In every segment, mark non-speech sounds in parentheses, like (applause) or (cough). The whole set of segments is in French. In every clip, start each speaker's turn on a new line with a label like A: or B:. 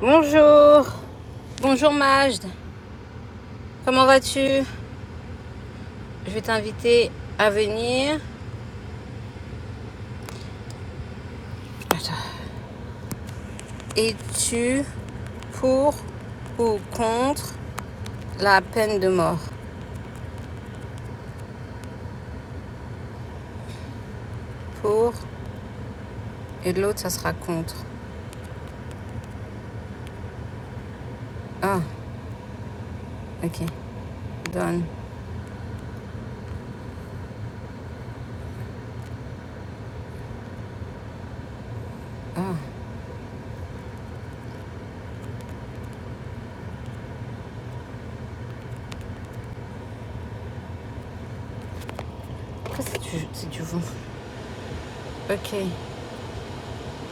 A: Bonjour, bonjour Majd, comment vas-tu Je vais t'inviter à venir. Attends. Es-tu pour ou contre la peine de mort Pour et l'autre ça sera contre. Ah, ok, donne. Ah, pourquoi c'est du, c'est du vent Ok,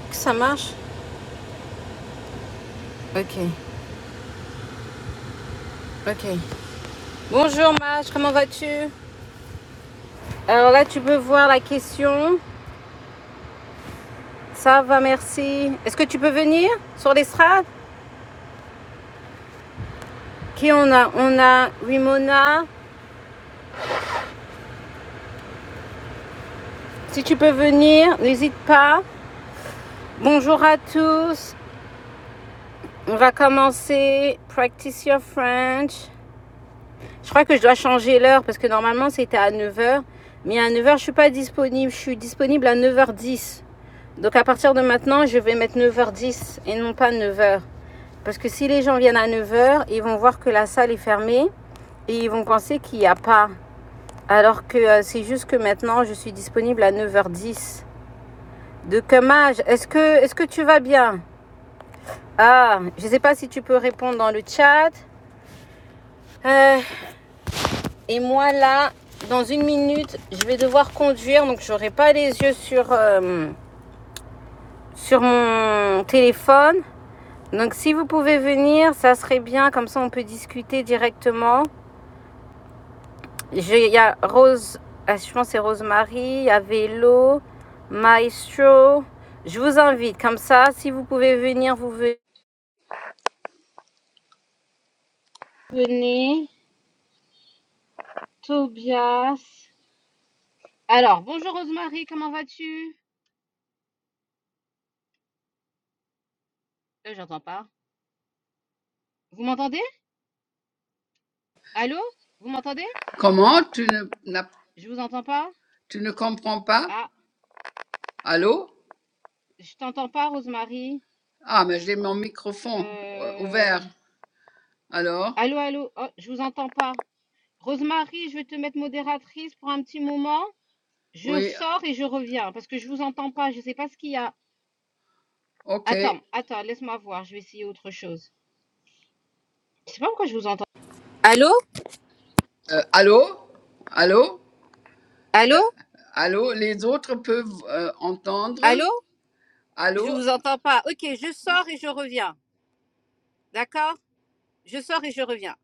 A: que ça marche Ok, ok. Bonjour Majd, comment vas-tu Alors là tu peux voir la question. Ça va, merci. Est-ce que tu peux venir sur l'estrade Qui on a On a Wimona. Si tu peux venir, n'hésite pas. Bonjour à tous. On va commencer Practice Your French. Je crois que je dois changer l'heure parce que normalement c'était à neuf heures, Mais à neuf heures je suis pas disponible. Je suis disponible à neuf heures dix. Donc à partir de maintenant, je vais mettre neuf heures dix et non pas neuf heures. Parce que si les gens viennent à neuf heures, ils vont voir que la salle est fermée et ils vont penser qu'il n'y a pas. Alors que euh, c'est juste que maintenant, je suis disponible à neuf heures dix. De Kamaj, est-ce que, est-ce que tu vas bien Ah, je ne sais pas si tu peux répondre dans le chat. Euh, et moi là, dans une minute, je vais devoir conduire, donc j'aurai pas les yeux sur, euh, sur mon téléphone. Donc si vous pouvez venir, ça serait bien, comme ça on peut discuter directement. Il y a Rose, ah, je pense que c'est Rosemary, il y a Vélo, Maestro. Je vous invite, comme ça, si vous pouvez venir, vous venez. Tobias, Alors, bonjour Rosemary, comment vas-tu? Euh, j'entends pas. Vous m'entendez? Allô? Vous m'entendez?
B: Comment? Tu ne, n'as-
A: Je vous entends pas?
B: tu ne comprends pas?
A: Ah,
B: Allô?
A: je t'entends pas, Rosemary.
B: Ah, mais j'ai mon microphone euh,
A: Euh...
B: ouvert. Alors?
A: Allô, allô? Oh, je vous entends pas. Rosemary, je vais te mettre modératrice pour un petit moment. Je
B: Oui,
A: sors et je reviens parce que je vous entends pas. Je sais pas ce qu'il y a.
B: ok.
A: Attends,
B: Euh,
A: attends, laisse-moi voir. Je vais essayer autre chose. Je sais pas pourquoi je vous entends. Allô?
B: allô? Allô?
A: Allô?
B: Allô? Les autres peuvent euh, entendre?
A: Allô? Je
B: Allô?
A: vous entends pas. Ok, je sors et je reviens. D'accord? Je sors et je reviens.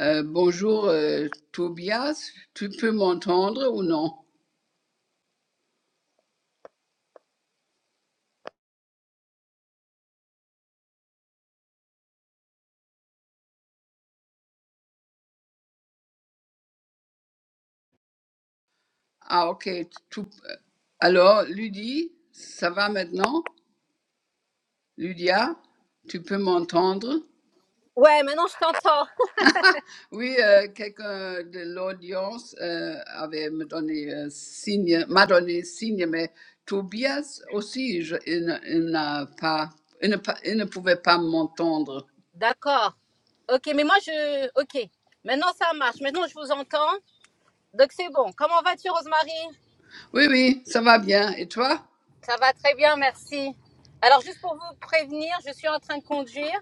B: Euh, bonjour, euh, Tobias. Tu peux m'entendre ou non? Ah, ok. Tout- Alors, Ludie, ça va maintenant? Ludia, tu peux m'entendre?
A: Ouais, maintenant je t'entends.
B: Oui, euh, quelqu'un de l'audience euh, avait me donné euh, signe, m'a donné signe, mais Tobias aussi, je, il, ne- il n'a pas, il ne, pa- il ne pouvait pas m'entendre.
A: D'accord. Ok, mais moi je. Ok. Maintenant ça marche. Maintenant je vous entends. Donc c'est bon. Comment vas-tu, Rosemary
B: Oui, oui, ça va bien. Et toi?
A: Ça va très bien, merci. Alors juste pour vous prévenir, je suis en train de conduire,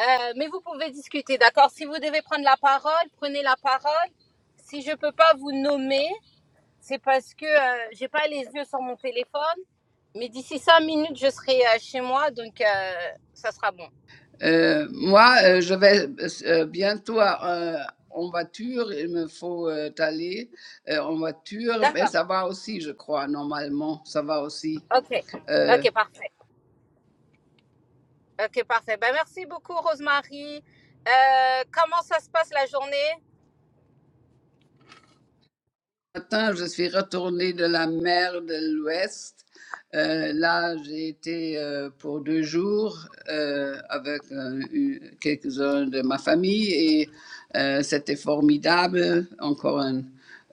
A: euh, mais vous pouvez discuter, d'accord Si vous devez prendre la parole, prenez la parole. Si je peux pas vous nommer, c'est parce que euh, j'ai pas les yeux sur mon téléphone. Mais d'ici cinq minutes, je serai euh, chez moi, donc euh, ça sera bon.
B: Euh, moi, euh, je vais euh, bientôt euh, en voiture. Il me faut euh, aller euh, en voiture, mais
A: D'accord.
B: ça va aussi, je crois, normalement, ça va aussi.
A: Ok.
B: euh,
A: Ok, parfait. Ok, parfait. Ben, merci beaucoup, Rosemary. Euh, comment ça se passe la journée
B: matin, je suis retournée de la mer de l'Ouest. Euh, là, j'ai été euh, pour deux jours euh, avec euh, quelques-uns de ma famille et euh, c'était formidable. Encore un.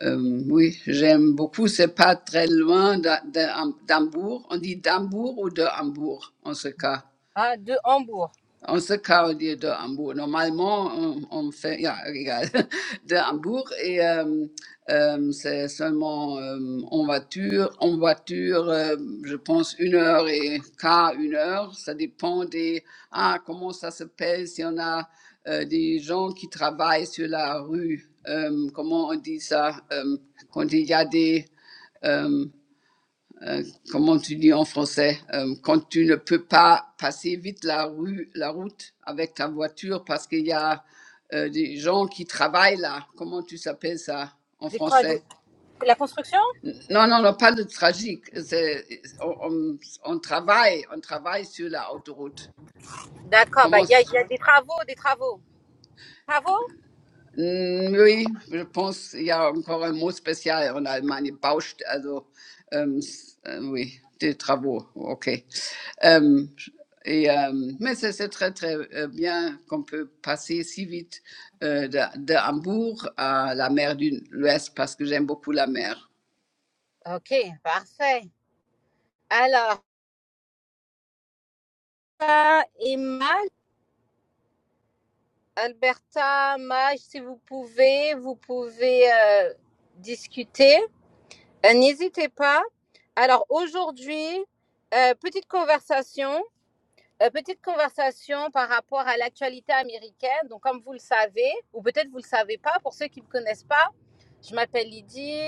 B: euh, oui, j'aime beaucoup. C'est pas très loin d'A- d'A- d'Hambourg. On dit d'Hambourg ou de Hambourg en ce cas.
A: Ah, de Hambourg.
B: On se parle de, de Hambourg. Normalement, on, on fait, ja, égal, (laughs) de Hambourg et euh, euh, c'est seulement euh, en voiture. En voiture, euh, je pense une heure et quart, une heure. Ça dépend des, ah, comment ça s'appelle, si on a euh, des gens qui travaillent sur la rue. Euh, comment on dit ça? euh, quand il y a des, euh, euh, comment tu dis en français, euh, quand tu ne peux pas passer vite la rue, la route avec ta voiture parce qu'il y a euh, des gens qui travaillent là. Comment tu s'appelles ça en
A: Des quoi des-
B: français?
A: La construction
B: Non, non, non, pas de tragique. C'est- On, on- on travaille, on travaille sur la autoroute.
A: D'accord, bah,
B: Comment?
A: il y a, il y a des travaux, des travaux. Travaux
B: Mm, Oui, je pense qu'il y a encore un mot spécial en Allemagne, Baust, also euh, s- euh, oui, des travaux, ok. Euh, et, euh, mais c'est c'est très très euh, bien qu'on peut passer si vite euh, de, de Hambourg à la mer de l'Ouest parce que j'aime beaucoup la mer.
A: Ok, parfait. Alors, Alberta et Mal, Alberta, Maj, si vous pouvez, vous pouvez euh, discuter. Euh, N'hésitez pas. Alors, aujourd'hui, euh, petite conversation. Euh, petite conversation par rapport à l'actualité américaine. Donc, comme vous le savez, ou peut-être vous ne le savez pas, pour ceux qui ne me connaissent pas, je m'appelle Lydie.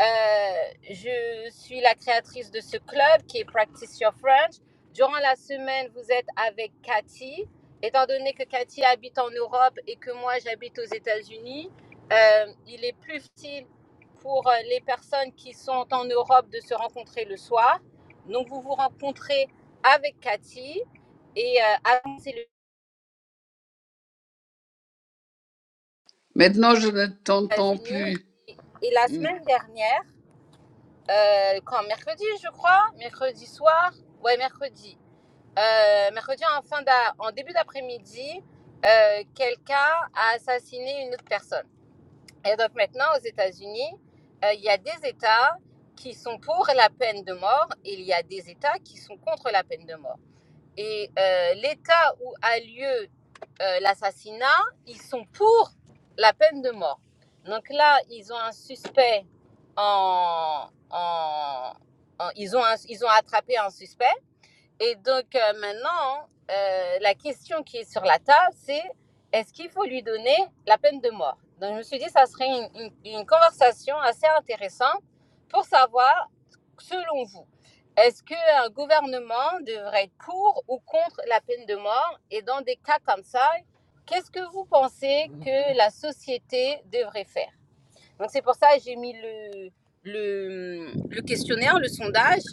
A: Euh, je suis la créatrice de ce club qui est Practice Your French. Durant la semaine, vous êtes avec Cathy. Étant donné que Cathy habite en Europe et que moi j'habite aux États-Unis, euh, il est plus utile pour euh, les personnes qui sont en Europe de se rencontrer le soir. Donc vous vous rencontrez avec Cathy et euh, avancer les
B: Maintenant, je ne t'entends
A: États-Unis.
B: plus.
A: Et, et la
B: Mm.
A: semaine dernière, euh, quand mercredi, je crois, mercredi soir, ouais, mercredi, euh, mercredi en fin d'a- en début d'après-midi, euh, quelqu'un a assassiné une autre personne. Et donc maintenant, aux États-Unis, euh, il y a des États qui sont pour la peine de mort et il y a des États qui sont contre la peine de mort. Et euh, les où a lieu euh, l'assassinat, ils sont pour la peine de mort. Donc là, ils ont un suspect en, en- en- ils, ont un- ils ont attrapé un suspect. Et donc euh, maintenant, euh, la question qui est sur la table, c'est est-ce qu'il faut lui donner la peine de mort Donc je me suis dit, ça serait une, une- une conversation assez intéressante pour savoir, selon vous, est-ce qu'un gouvernement devrait être pour ou contre la peine de mort Et dans des cas comme ça, qu'est-ce que vous pensez que la société devrait faire donc c'est pour ça que j'ai mis le, le, le questionnaire, le sondage,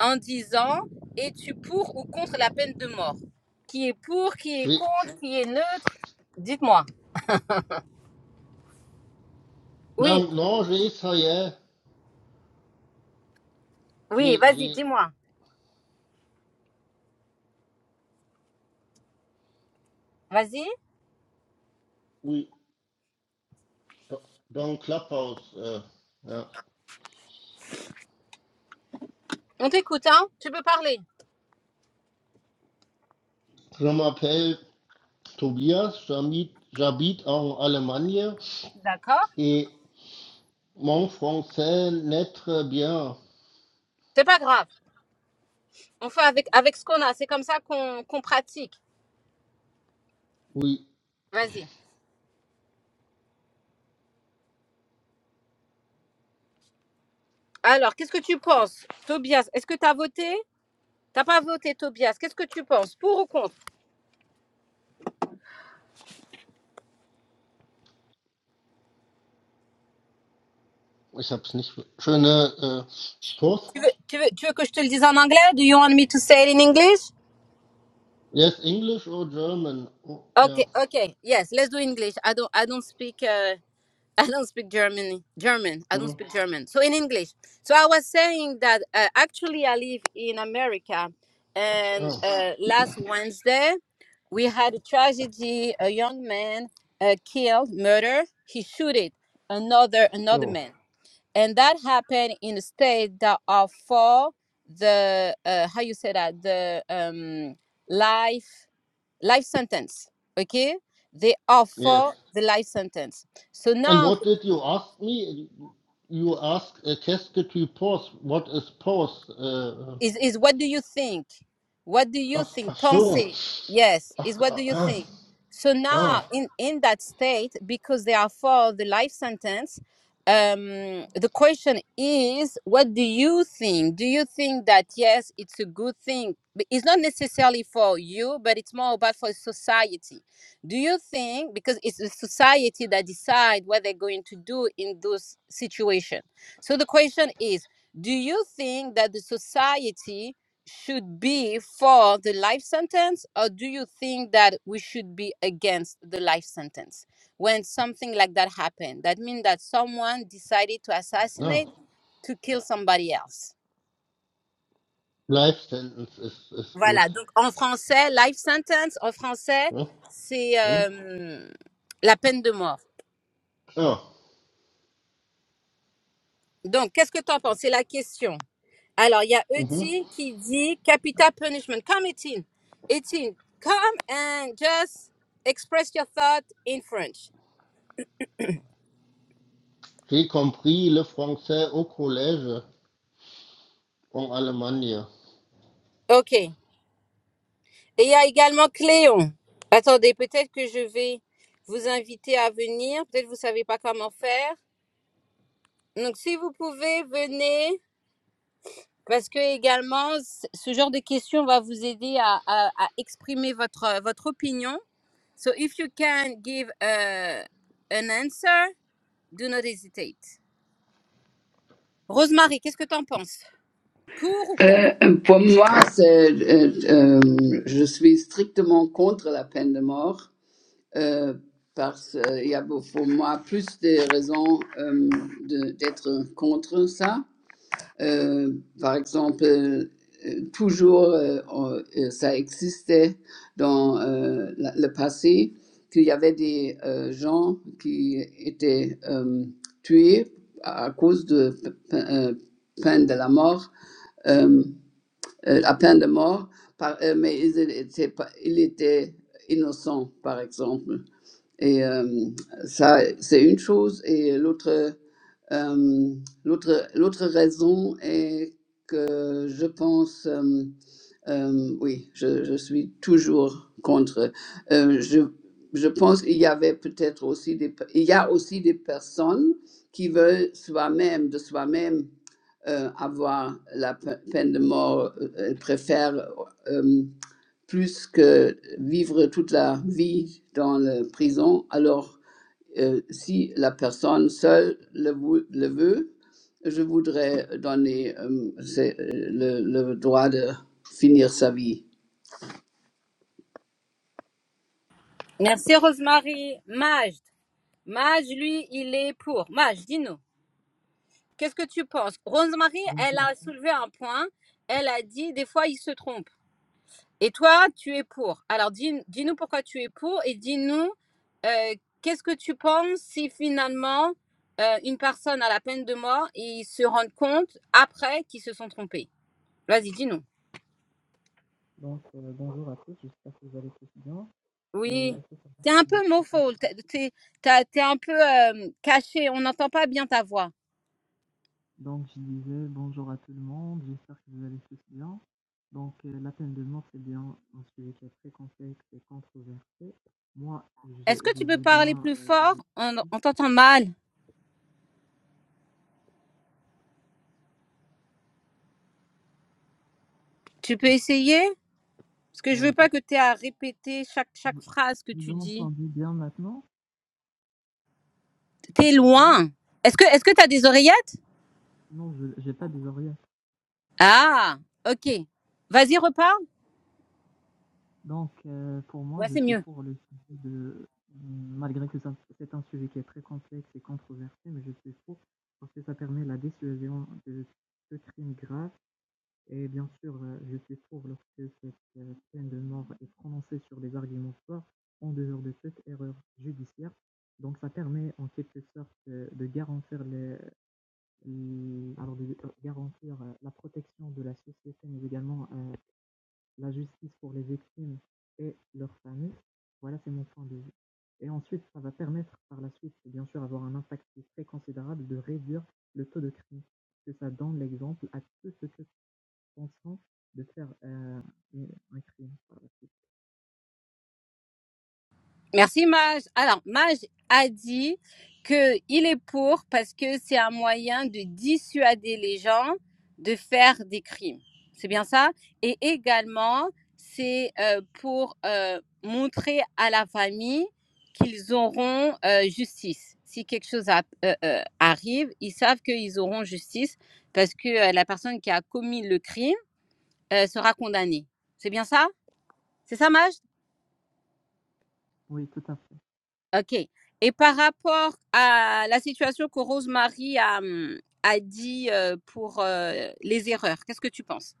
A: en disant es-tu pour ou contre la peine de mort Qui est pour, qui est
C: J'ai-
A: contre, qui est neutre Dites-moi. Oui,
C: Non, non, j'ai essayé.
A: oui,
C: J'ai,
A: vas-y,
C: j'ai,
A: dis-moi. Vas-y.
C: oui. Do- Donc, la pause. euh, ouais.
A: On t'écoute, hein Tu peux parler.
C: Je m'appelle Tobias, j'habite j'habite en Allemagne
A: D'accord.
C: et mon français n'est très bien.
A: C'est pas grave. On fait avec, avec ce qu'on a. C'est comme ça qu'on qu'on pratique.
C: Oui,
A: Vas-y. Alors, qu'est-ce que tu penses, Tobias Est-ce que tu as voté T'as pas voté, Tobias. Qu'est-ce que tu penses Pour ou contre
C: ich hab's nicht. Schöne äh, Post.
A: Tu veux, tu veux que je te le dise en anglais? Do you want me to say it in English?
C: Yes, English or German? Oh,
A: Okay,
C: ja.
A: okay, yes, let's do English. I don't, I don't speak, uh, (laughs) I don't speak German. German, I don't
C: Hm.
A: speak German. So in English. So I was saying that uh, actually I live in America, and
C: Oh,
A: uh, last Wednesday we had a tragedy. A young man uh, killed, murdered. He shooted another another
C: oh.
A: man. and that happened in a state that are for the uh, how you say that the um life life sentence okay they are
C: Yes.
A: for the life sentence so
C: And
A: now
C: what did you ask me? You asked, uh, qu'est-ce que tu penses? What is pause? Uh, uh,
A: is is what do you think? What do you
C: ach, ach
A: think?
C: so.
A: Pensée. Yes,
C: Ach,
A: is what do
C: ah,
A: you
C: ah,
A: think? So
C: ah.
A: now in in that state, because they are for the life sentence, um, the question is, what do you think? Do you think that yes, it's a good thing? But It's not necessarily for you, but it's more about for society. Do you think because it's the society that decide what they're going to do in those situation? So the question is. Do you think that the society should be for the life sentence, or do you think that we should be against the life sentence when something like that happened? That means that someone decided to
C: ah.
A: assassinate, to kill somebody else.
C: Life sentence ist, ist
A: Voilà,
C: gut.
A: donc en français, life sentence, en français,
C: Ja,
A: c'est
C: hm?
A: euh, la peine de mort.
C: ja.
A: Donc, qu'est-ce que tu en penses? C'est la question. Alors, il y a
C: Mhm.
A: Etin qui dit Capital Punishment. Come, Etin. Etin, come and just express your thought in French.
C: J'ai compris le français au collège en Allemagne.
A: OK. Et il y a également Cléon. Attendez, peut-être que je vais vous inviter à venir. Peut-être que vous ne savez pas comment faire. Donc, si vous pouvez, venez. Parce que également, c- ce genre de questions va vous aider à, à- à exprimer votre, votre opinion So if you can give a, an answer, do not hesitate. Rosemary, qu'est-ce que tu en penses Pour ou contre
B: Euh, pour moi, c'est, euh, euh, je suis strictement contre la peine de mort. euh, parce qu'il y a pour moi plus de raisons euh, de- d'être contre ça. Euh, par exemple, euh, euh, toujours euh, euh, ça existait dans euh, la- le passé qu'il y avait des euh, gens qui étaient euh, tués à cause de pe- pe- euh, peine de la mort, euh, euh, la peine de mort, par- euh, mais ils étaient, pas- ils étaient innocents, par exemple. Et euh, ça, c'est une chose. Et l'autre, euh, l'autre, l'autre raison est que je pense, euh, euh, oui, je, je suis toujours contre. Euh, je, je pense qu'il y avait peut-être aussi des, pe- il y a aussi des personnes qui veulent soi-même, de soi-même, euh, avoir la pe- peine de mort, euh, elles préfèrent euh, plus que vivre toute la vie dans la prison. Alors, euh, si la personne seule le, vou- le veut, je voudrais donner euh, c'est, euh, le, le droit de finir sa vie.
A: Merci Rosemary. Majd. Majd, lui, il est pour. Majd, dis-nous. Qu'est-ce que tu penses Rosemary,
D: Donc,
A: elle
D: oui.
A: a soulevé un point. Elle a dit, des fois, il se trompe. Et toi, tu es pour. Alors, dis- dis-nous pourquoi tu es pour et dis-nous euh, qu'est-ce que tu penses si finalement euh, une personne a la peine de mort et ils se rendent compte après qu'ils se sont trompés. Vas-y, dis-nous.
D: donc euh, bonjour à tous, j'espère que vous allez tous bien. Euh,
A: Oui.
D: et ce soir,
A: T'es un
D: je suis
A: peu
D: très
A: mofo.
D: content.
A: T'es t'es- t'as- t'es un peu euh, caché. On n'entend pas bien ta voix.
D: donc, je disais bonjour à tout le monde, j'espère que vous allez tous bien. Donc, euh, la peine de mort, c'est bien un sujet qui est très complexe et controversé. Moi, je,
A: Est-ce que
D: je
A: tu peux
D: dis
A: parler
D: bien
A: plus
D: euh, que
A: fort
D: je
A: On,
D: suis.
A: on t'entend mal. Tu peux essayer Parce que je
D: Euh,
A: veux pas que tu aies à répéter chaque, chaque phrase que
D: vous
A: tu dis.
D: entendez bien maintenant?
A: T'es
D: Ah oui
A: loin. Est-ce que est-ce que t'as des oreillettes
D: Non, je n'ai pas des oreillettes.
A: Ah, ok. Vas-y, reparle.
D: Donc heu, pour moi,
A: Ouais,
D: je
A: c'est
D: suis
A: mieux.
D: pour le sujet de malgré que ça c'est un sujet qui est très complexe et controversé, mais je suis pour parce que ça permet la dissuasion de de crimes graves et bien sûr, heu, je suis pour lorsque cette, heu, peine de mort est prononcée sur des arguments forts en dehors de toute erreur judiciaire. Donc ça permet en quelque sorte, heu, de garantir les l alors de euh, garantir, heu, la protection de la société, mais également, heu la justice pour les victimes et leurs familles, voilà, c'est mon point de vue. Et ensuite, ça va permettre par la suite, bien sûr, avoir un impact très considérable de réduire le taux de crime. Parce que ça donne l'exemple à tous ceux qui pensent de faire euh, un crime par la suite.
A: Merci Maj. Alors, Maj a dit qu'il est pour parce que c'est un moyen de dissuader les gens de faire des crimes. C'est bien ça Et également, c'est euh, pour euh, montrer à la famille qu'ils auront euh, justice. Si quelque chose a- euh, euh, arrive, ils savent qu'ils auront justice parce que euh, la personne qui a commis le crime euh, sera condamnée. C'est bien ça C'est ça, Maj
D: Oui, tout à fait.
A: OK. Et par rapport à la situation que Rosemary a, hum, a dit euh, pour euh, les erreurs, qu'est-ce que tu penses?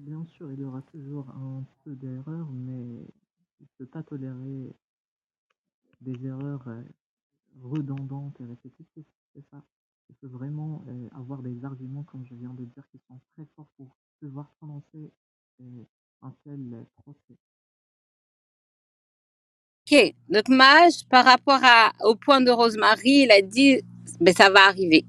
D: Bien sûr, il y aura toujours un peu d'erreurs, mais il ne peut pas tolérer des erreurs redondantes et répétitives, c'est ça. Il faut vraiment, heu, avoir des arguments, comme je viens de dire, qui sont très forts pour pouvoir prononcer, heu, un tel, heu, procès.
A: OK. Donc, Mage, par rapport à, au point de Rosemary, il a dit, ben, ça va arriver.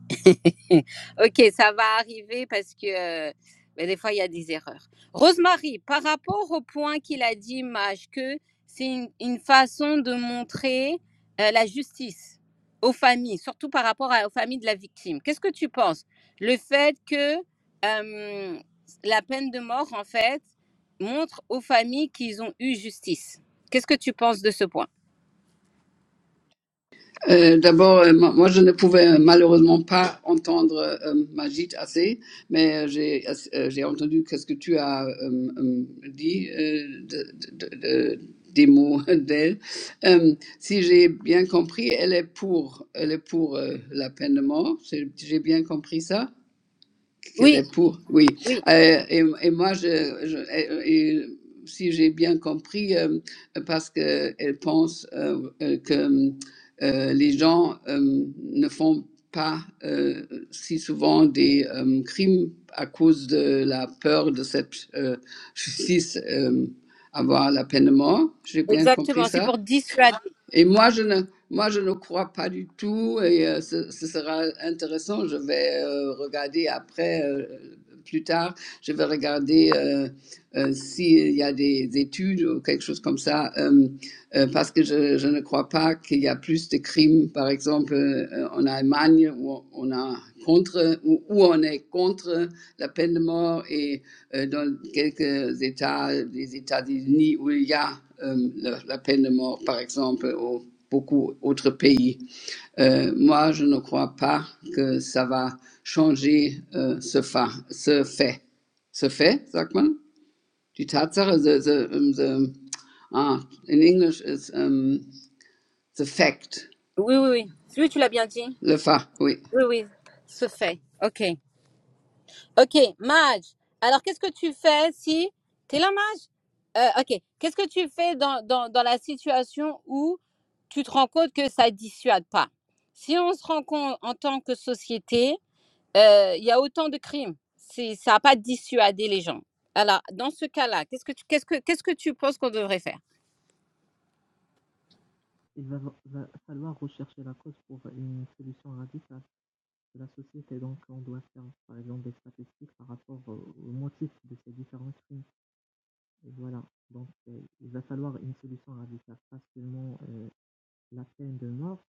A: Ok, ça va arriver parce que euh, ben, des fois, il y a des erreurs. Rosemary, par rapport au point qu'il a dit, Maj, que c'est une, une façon de montrer euh, la justice aux familles, surtout par rapport à- aux familles de la victime. Qu'est-ce que tu penses Le fait que euh, la peine de mort, en fait, montre aux familles qu'ils ont eu justice. Qu'est-ce que tu penses de ce point
B: Euh, D'abord, euh, moi, moi, je ne pouvais euh, malheureusement pas entendre euh, Majid assez, mais euh, j'ai ass- euh, j'ai entendu ce que tu as euh, euh, dit euh, de- de- de- de- des mots (laughs) d'elle. Euh, si j'ai bien compris, elle est pour, elle est pour euh, la peine de mort. J'ai j'ai bien compris ça qu'elle
A: Oui,
B: est pour, oui.
A: oui,
B: Euh, et, et moi, je, je- euh, et- si j'ai bien compris, euh, parce qu'elle pense euh, euh, que euh, les gens euh, ne font pas euh, si souvent des euh, crimes à cause de la peur de cette euh, justice, euh, avoir la peine de mort. J'ai bien compris
A: exactement. C'est
B: ça
A: pour dissuader.
B: et moi, je ne, moi, je ne crois pas du tout, et euh, ce, ce sera intéressant. Je vais euh, regarder après, euh, plus tard, je vais regarder euh, euh, s'il y a des études ou quelque chose comme ça, euh, euh, parce que je, je ne crois pas qu'il y a plus de crimes, par exemple, euh, euh, en Allemagne, où on a contre, où, où on est contre la peine de mort, et euh, dans quelques États des États-Unis où il y a euh, la, la peine de mort, par exemple, ou beaucoup d'autres pays. Euh, moi, je ne crois pas que ça va changer euh, ce, fa ce fait. Ce fait, sagt man? Die Tatsache, the, the, um, the, ah, in English, is um, the fact,
A: Oui, oui, oui. Oui, tu l'as bien dit.
B: le fait, oui.
A: Oui, oui, se fait. Ok. Ok, Maj. Alors, qu'est-ce que tu fais si... T'es là, Maj Euh, Ok. Qu'est-ce que tu fais dans, dans, dans la situation où tu te rends compte que ça dissuade pas Si on se rend compte en tant que société, euh, il y a autant de crimes. C'est- Ça n'a pas dissuadé les gens. Alors, dans ce cas-là, qu'est-ce que tu, qu'est-ce que, qu'est-ce que tu penses qu'on devrait faire
D: Il va va falloir rechercher la cause pour une solution radicale de la société, donc on doit faire, par exemple, des statistiques par rapport aux aux motifs de ces différents crimes et voilà, donc heu, il va falloir une solution radicale, pas seulement, heu, la peine de mort,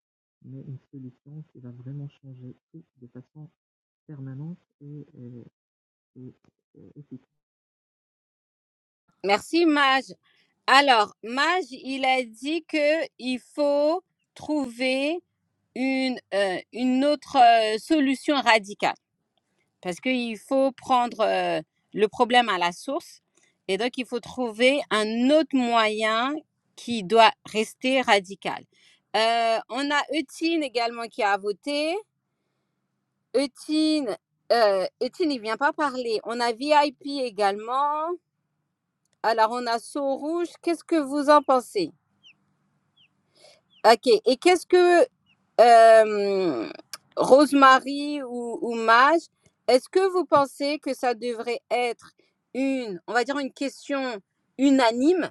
D: mais une solution qui va vraiment changer tout de façon permanence et, euh, et, euh, et
A: Merci, Mage. Alors, Mage, il a dit que il faut trouver une, euh, une autre euh, solution radicale parce qu'il faut prendre euh, le problème à la source et donc il faut trouver un autre moyen qui doit rester radical. Euh, on a Eutine également qui a voté. Eutine, euh, Eutine, il vient pas parler. On a VIP également. Alors, on a Seau Rouge. Qu'est-ce que vous en pensez? Ok. Et qu'est-ce que euh, Rosemary ou, ou Maj, est-ce que vous pensez que ça devrait être une, on va dire une question unanime,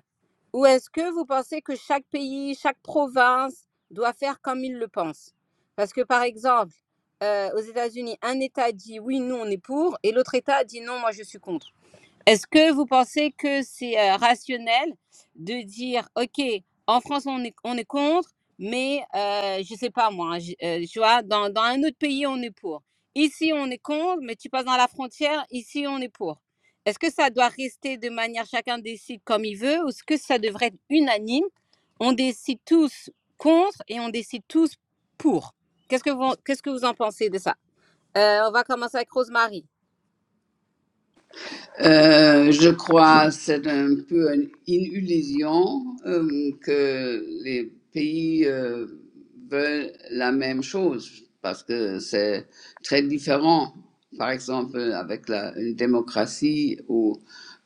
A: ou est-ce que vous pensez que chaque pays, chaque province doit faire comme il le pense? Parce que par exemple, euh, aux États-Unis, un État dit oui, nous on est pour, et l'autre État dit non, moi je suis contre. Est-ce que vous pensez que c'est euh, rationnel de dire, OK, en France, on est, on est contre, mais euh, je sais pas moi, je- euh, tu vois, dans, dans un autre pays, on est pour. Ici, on est contre, mais tu passes dans la frontière, ici, on est pour. Est-ce que ça doit rester de manière, chacun décide comme il veut, ou est-ce que ça devrait être unanime On décide tous contre et on décide tous pour. Qu'est-ce que vous, qu'est-ce que vous en pensez de ça Euh, On va commencer avec Rosemary.
B: Euh, je crois que c'est un peu une, une illusion euh, que les pays euh, veulent la même chose parce que c'est très différent. Par exemple, avec la, une démocratie ou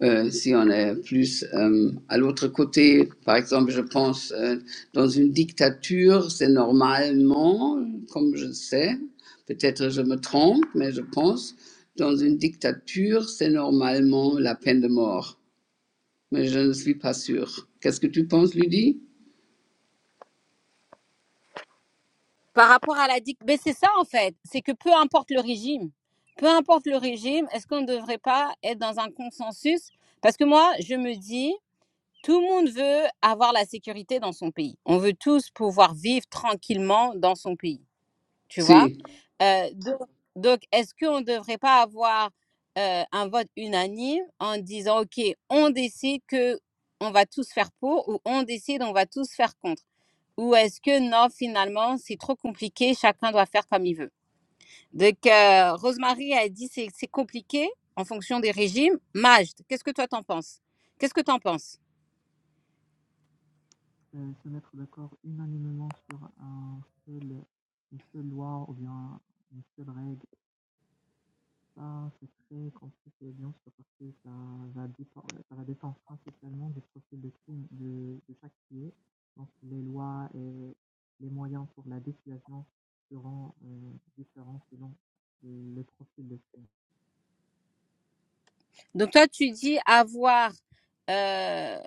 B: euh, si on est plus euh, à l'autre côté, par exemple, je pense euh, dans une dictature, c'est normalement, comme je sais. Peut-être je me trompe, mais je pense, dans une dictature, c'est normalement la peine de mort. Mais je ne suis pas sûre. Qu'est-ce que tu penses, Ludie?
A: Par rapport à la dic, mais c'est ça en fait, c'est que peu importe le régime, peu importe le régime, est-ce qu'on ne devrait pas être dans un consensus Parce que moi, je me dis, tout le monde veut avoir la sécurité dans son pays. On veut tous pouvoir vivre tranquillement dans son pays, tu vois
B: Si.
A: Euh, Donc, donc, est-ce qu'on ne devrait pas avoir euh, un vote unanime en disant, OK, on décide que on va tous faire pour ou on décide on va tous faire contre ou est-ce que non, finalement, c'est trop compliqué, chacun doit faire comme il veut. Donc, euh, Rosemary a dit c'est c'est compliqué en fonction des régimes. Majd, qu'est-ce que toi t'en penses Qu'est-ce que t'en penses
D: euh, se mettre d'accord unanimement sur un seul, une seule loi ou bien une seule règle, ça c'est très compliqué bien sûr parce que ça va dépendre, ça va dépendre principalement du profil de crime de, de chaque pays. Donc les lois et les moyens pour la dissuasion seront euh, différents selon le profil de crime.
A: Donc toi, tu dis avoir euh,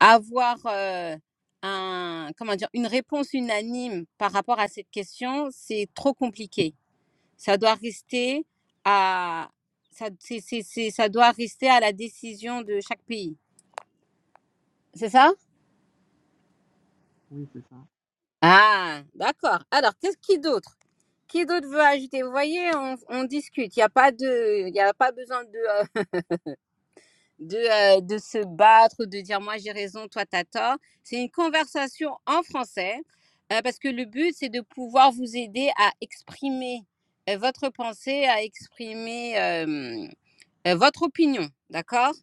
A: avoir euh, un comment dire une réponse unanime par rapport à cette question, c'est trop compliqué. Ça doit rester à ça, c'est- c'est- c'est- ça doit rester à la décision de chaque pays. C'est ça
D: Oui, c'est ça.
A: Ah, d'accord. Alors, qu'est-ce qui d'autre? Qui d'autre veut ajouter? Vous voyez, on, on discute. Il n'y a pas de, il y a pas besoin de, euh, de, euh, de se battre ou de dire moi j'ai raison, toi t'as tort. C'est une conversation en français euh, parce que le but c'est de pouvoir vous aider à exprimer euh, votre pensée, à exprimer. euh, euh, votre opinion, d'accord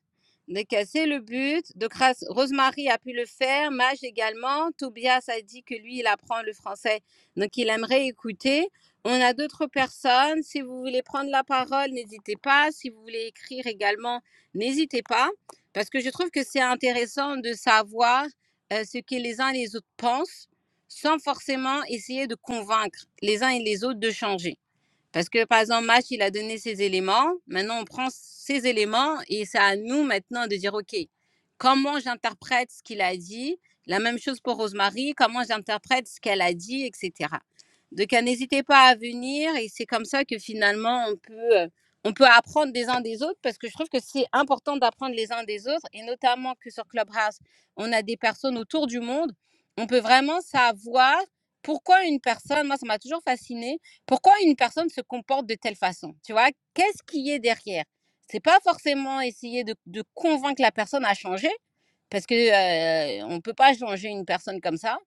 A: Donc, euh, c'est le but. De grâce, Rosemary a pu le faire, Mage également. Tobias a dit que lui, il apprend le français, donc il aimerait écouter. On a d'autres personnes. Si vous voulez prendre la parole, n'hésitez pas. Si vous voulez écrire également, n'hésitez pas. Parce que je trouve que c'est intéressant de savoir euh, ce que les uns et les autres pensent sans forcément essayer de convaincre les uns et les autres de changer. Parce que, par exemple, Mach, il a donné ses éléments. Maintenant, on prend ces éléments et c'est à nous maintenant de dire, OK, comment j'interprète ce qu'il a dit La même chose pour Rosemary, comment j'interprète ce qu'elle a dit, etc. Donc, euh, n'hésitez pas à venir et c'est comme ça que finalement, on peut, euh, on peut apprendre des uns des autres parce que je trouve que c'est important d'apprendre les uns des autres et notamment que sur Clubhouse, on a des personnes autour du monde. On peut vraiment savoir pourquoi une personne, moi, ça m'a toujours fasciné pourquoi une personne se comporte de telle façon Tu vois, qu'est-ce qui est derrière C'est pas forcément essayer de, de convaincre la personne à changer, parce que euh, on peut pas changer une personne comme ça.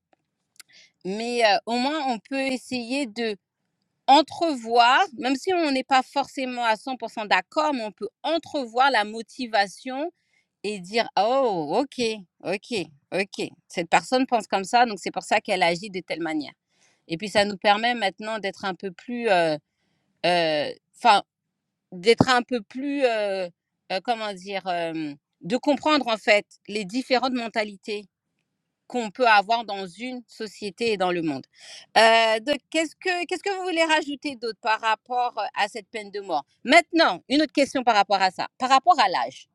A: Mais euh, au moins, on peut essayer de entrevoir, même si on n'est pas forcément à 100% d'accord, mais on peut entrevoir la motivation et dire «Ah oh ok ok ok cette personne pense comme ça donc c'est pour ça qu'elle agit de telle manière et puis ça nous permet maintenant d'être un peu plus euh, euh, enfin euh, d'être un peu plus euh, euh, comment dire euh, de comprendre en fait les différentes mentalités qu'on peut avoir dans une société et dans le monde. Euh, donc, qu'est-ce que qu'est-ce que vous voulez rajouter d'autre par rapport euh, à cette peine de mort Maintenant, une autre question par rapport à ça, par rapport à l'âge.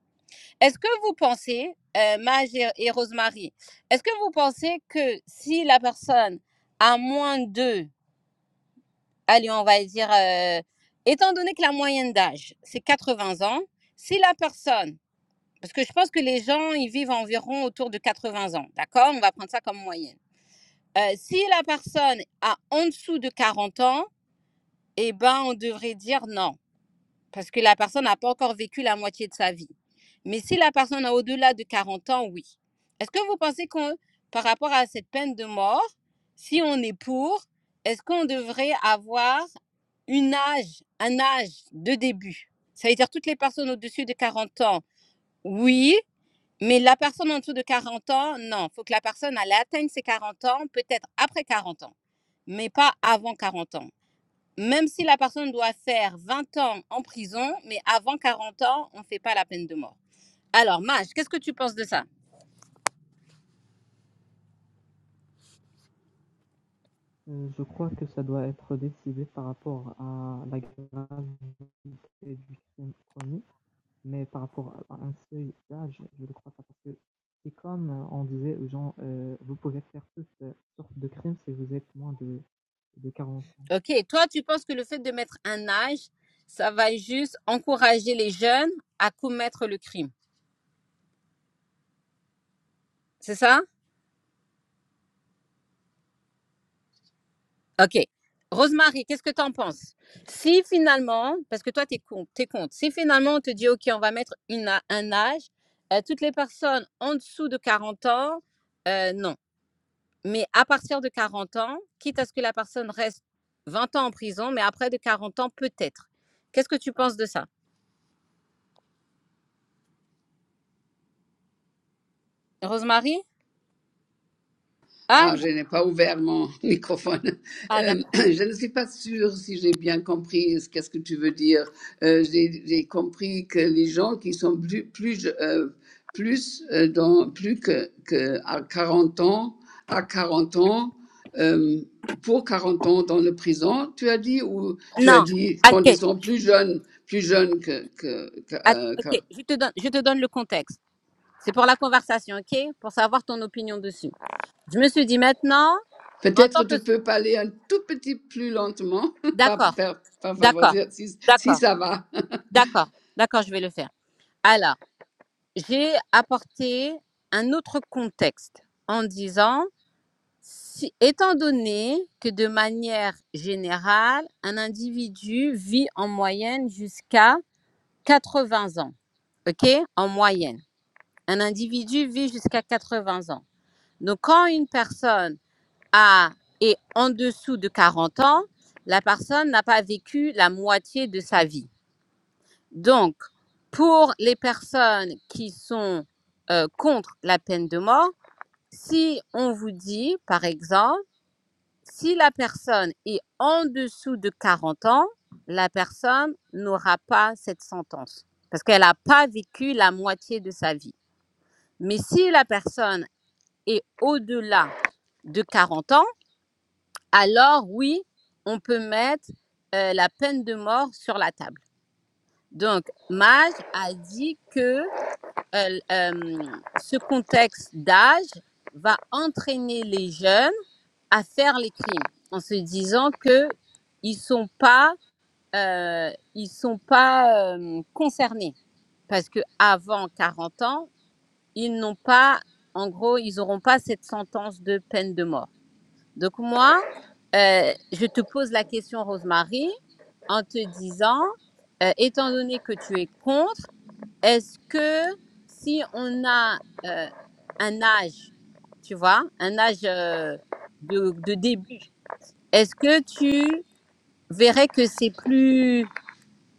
A: Est-ce que vous pensez, euh, Maj et, et Rosemary, est-ce que vous pensez que si la personne a moins de allez, on va dire, euh, étant donné que la moyenne d'âge, c'est 80 ans, si la personne, parce que je pense que les gens, ils vivent environ autour de 80 ans, d'accord On va prendre ça comme moyenne. Euh, si la personne a en dessous de 40 ans, eh ben, on devrait dire non parce que la personne n'a pas encore vécu la moitié de sa vie. Mais si la personne a au-delà de 40 ans, oui. Est-ce que vous pensez qu'on, par rapport à cette peine de mort, si on est pour, est-ce qu'on devrait avoir une âge, un âge de début Ça veut dire toutes les personnes au-dessus de 40 ans, oui. Mais la personne en dessous de 40 ans, non. Il faut que la personne elle atteigne ses 40 ans, peut-être après 40 ans, mais pas avant 40 ans. Même si la personne doit faire 20 ans en prison, mais avant 40 ans, on ne fait pas la peine de mort. Alors, Maj, qu'est-ce que tu penses de ça
D: Heu, je crois que ça doit être décidé par rapport à la gravité du crime commis, mais par rapport à un seuil d'âge, je ne crois pas parce que c'est comme euh, on disait aux gens, heu: «Vous pouvez faire toutes, sortes de crimes si vous êtes moins de de quarante. ans».
A: Ok, toi, tu penses que le fait de mettre un âge, ça va juste encourager les jeunes à commettre le crime. C'est ça Ok. Rosemary, qu'est-ce que tu en penses Si finalement, parce que toi, tu es, contre, t'es contre, si finalement on te dit, ok, on va mettre une, a- un âge, euh, toutes les personnes en dessous de 40 ans, euh, non. Mais à partir de 40 ans, quitte à ce que la personne reste 20 ans en prison, mais après de 40 ans, peut-être. Qu'est-ce que tu penses de ça Rosemary Ah,
B: Ah, je n'ai pas ouvert mon (laughs) microphone.
A: ah
B: Euh, (clears throat)
A: d'accord.
B: je ne suis pas sûre si j'ai bien compris ce qu'est-ce que tu veux dire. Euh, j'ai j'ai compris que les gens qui sont plus plus euh, plus euh, dans plus que, que à 40 ans à 40 ans euh, pour 40 ans dans le prison, tu as dit ou tu as
A: Non.
B: dit quand ils
A: Ok.
B: sont plus jeunes plus jeunes que que, que,
A: Att-
B: euh, que
A: ok. Je, te donne, je te donne le contexte. C'est pour la conversation, ok Pour savoir ton opinion dessus. Je me suis dit maintenant, en tant
B: Peut-être
A: que...
B: tu peux parler un tout petit plus lentement, (laughs) pas,
A: D'accord,
B: pas, pas
A: d'accord,
B: favoriser, si, si
A: d'accord,
B: ça va.
A: d'accord, d'accord, je vais le faire. Alors, j'ai apporté un autre contexte en disant Si- étant donné que de manière générale, un individu vit en moyenne jusqu'à 80 ans, ok? En moyenne, un individu vit jusqu'à 80 ans. Donc, quand une personne a est en dessous de 40 ans, la personne n'a pas vécu la moitié de sa vie. Donc, pour les personnes qui sont euh, contre la peine de mort, si on vous dit, par exemple, Si la personne est en dessous de 40 ans, la personne n'aura pas cette sentence parce qu'elle n'a pas vécu la moitié de sa vie. Mais si la personne est au-delà de 40 ans, alors oui, on peut mettre euh, la peine de mort sur la table. Donc, Maj a dit que euh, euh, ce contexte d'âge va entraîner les jeunes à faire les crimes en se disant que ils sont pas euh, ils sont pas euh, concernés parce que avant 40 ans ils n'ont pas en gros ils n'auront pas cette sentence de peine de mort donc moi euh, je te pose la question Rosemary en te disant euh, étant donné que tu es contre est-ce que si on a euh, un âge tu vois un âge euh, de de début est-ce que tu verrais que c'est plus...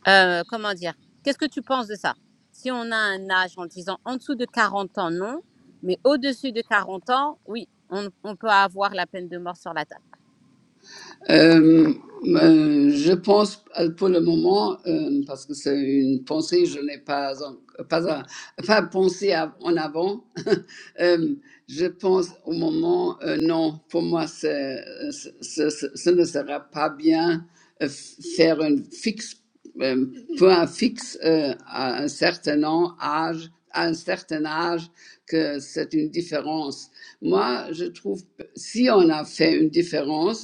A: euh, comment dire Qu'est-ce que tu penses de ça Si on a un âge en disant en dessous de 40 ans, non, mais au-dessus de 40 ans, oui, on, on peut avoir la peine de mort sur la table.
B: Euh, euh, je pense euh, pour le moment, euh, parce que c'est une pensée, je n'ai pas, en- pas, en- pas pensé à- en avant. (laughs) Euh, je pense au moment, euh, non, pour moi, c'est- c'est- c'est- ce, ne sera pas bien euh, f- faire un fixe, euh, pour un fixe euh, à un certain an- âge, à un certain âge, que c'est une différence. Moi, je trouve, si on a fait une différence,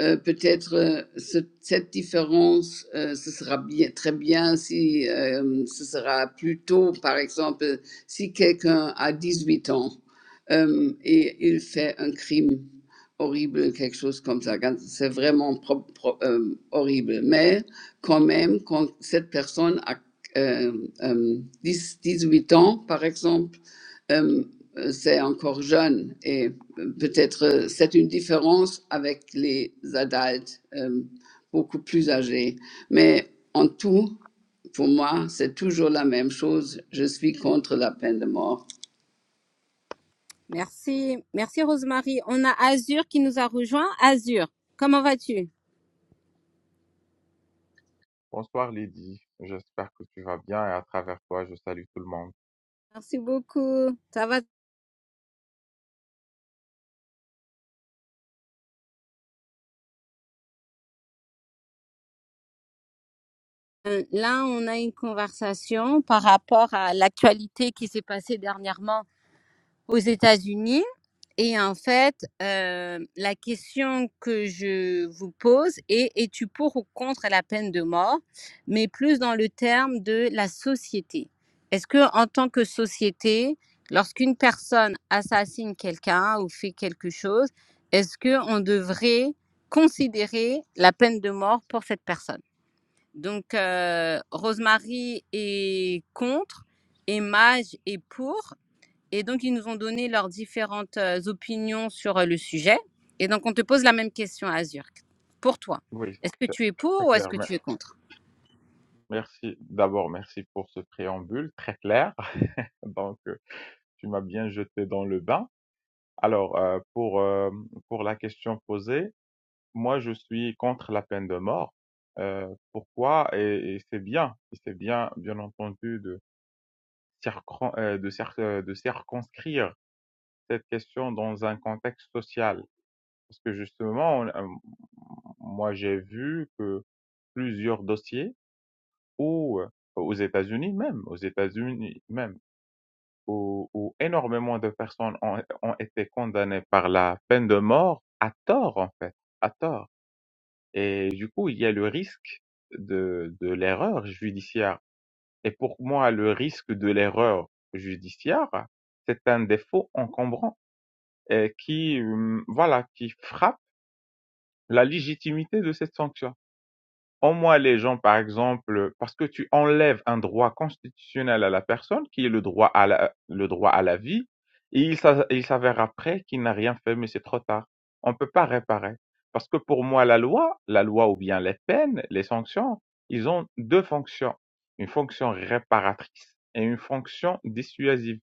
B: euh, peut-être euh, ce- cette différence, euh, ce sera bien, très bien si euh, ce sera plus tôt, par exemple, si quelqu'un a 18 ans euh, et il fait un crime horrible, quelque chose comme ça. quand- C'est vraiment pro- pro- euh, horrible. Mais quand même, quand cette personne a euh, euh, 10, 18 ans, par exemple, euh, euh, c'est encore jeune et euh, peut-être euh, c'est une différence avec les adultes euh, beaucoup plus âgés. Mais en tout, pour moi, c'est toujours la même chose. Je suis contre la peine de mort.
A: Merci, merci Rosemary. On a Azur qui nous a rejoint. Azur, comment vas-tu
E: Bonsoir Lydie, j'espère que tu vas bien et à travers toi, je salue tout le monde.
A: Merci beaucoup. Ça va Euh, Là, on a une conversation par rapport à l'actualité qui s'est passée dernièrement aux États-Unis. Et en fait, euh, la question que je vous pose est es-tu pour ou contre la peine de mort, mais plus dans le terme de la société. Est-ce que en tant que société, lorsqu'une personne assassine quelqu'un ou fait quelque chose, est-ce que on devrait considérer la peine de mort pour cette personne Donc, euh, Rosemary est contre, et Mage est pour. Et donc, ils nous ont donné leurs différentes euh, opinions sur euh, le sujet. Et donc, on te pose la même question à Azurk. Pour toi,
E: Oui,
A: est-ce que
E: c'est
A: tu es pour
E: c'est
A: ou est-ce
E: clair.
A: que
E: mer-
A: tu es contre
E: Merci. D'abord, merci pour ce préambule très clair. (laughs) Donc, euh, tu m'as bien jeté dans le bain. Alors, euh, pour, euh, pour la question posée, moi, je suis contre la peine de mort. Euh, pourquoi? Et, et c'est bien, et c'est bien, bien entendu, de, circon- euh, de, cir- euh, de circonscrire cette question dans un contexte social. Parce que justement, on- euh, moi j'ai vu que plusieurs dossiers où, euh, aux États-Unis même, aux États-Unis même, où, où énormément de personnes ont, ont été condamnées par la peine de mort à tort en fait, à tort. Et du coup, il y a le risque de, de l'erreur judiciaire. Et pour moi, le risque de l'erreur judiciaire, c'est un défaut encombrant euh, qui, hum, voilà, qui frappe la légitimité de cette sanction. En moi, les gens, par exemple, parce que tu enlèves un droit constitutionnel à la personne, qui est le droit à la, le droit à la vie, et il s'a- il s'avère après qu'il n'a rien fait, mais c'est trop tard. On ne peut pas réparer. Parce que pour moi, la loi, la loi ou bien les peines, les sanctions, ils ont deux fonctions. Une fonction réparatrice et une fonction dissuasive.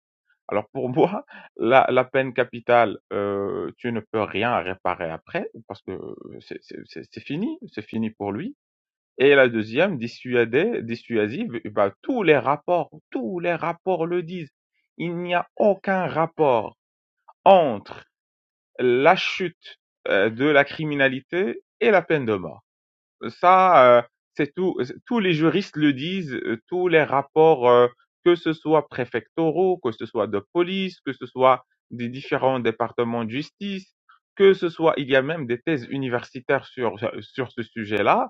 E: Alors pour (laughs) moi, la, la peine capitale, euh, tu ne peux rien réparer après, parce que euh, c'est c'est- c'est- c'est fini, c'est fini pour lui et la deuxième, dissuadée, dissuasive, eh ben, tous les rapports, tous les rapports le disent. Il n'y a aucun rapport entre la chute euh, de la criminalité et la peine de mort. Ça, euh, c'est tout. Tous les juristes le disent. euh, Tous les rapports, euh, que ce soit préfectoraux, que ce soit de police, que ce soit des différents départements de justice, que ce soit, il y a même des thèses universitaires sur sur ce sujet-là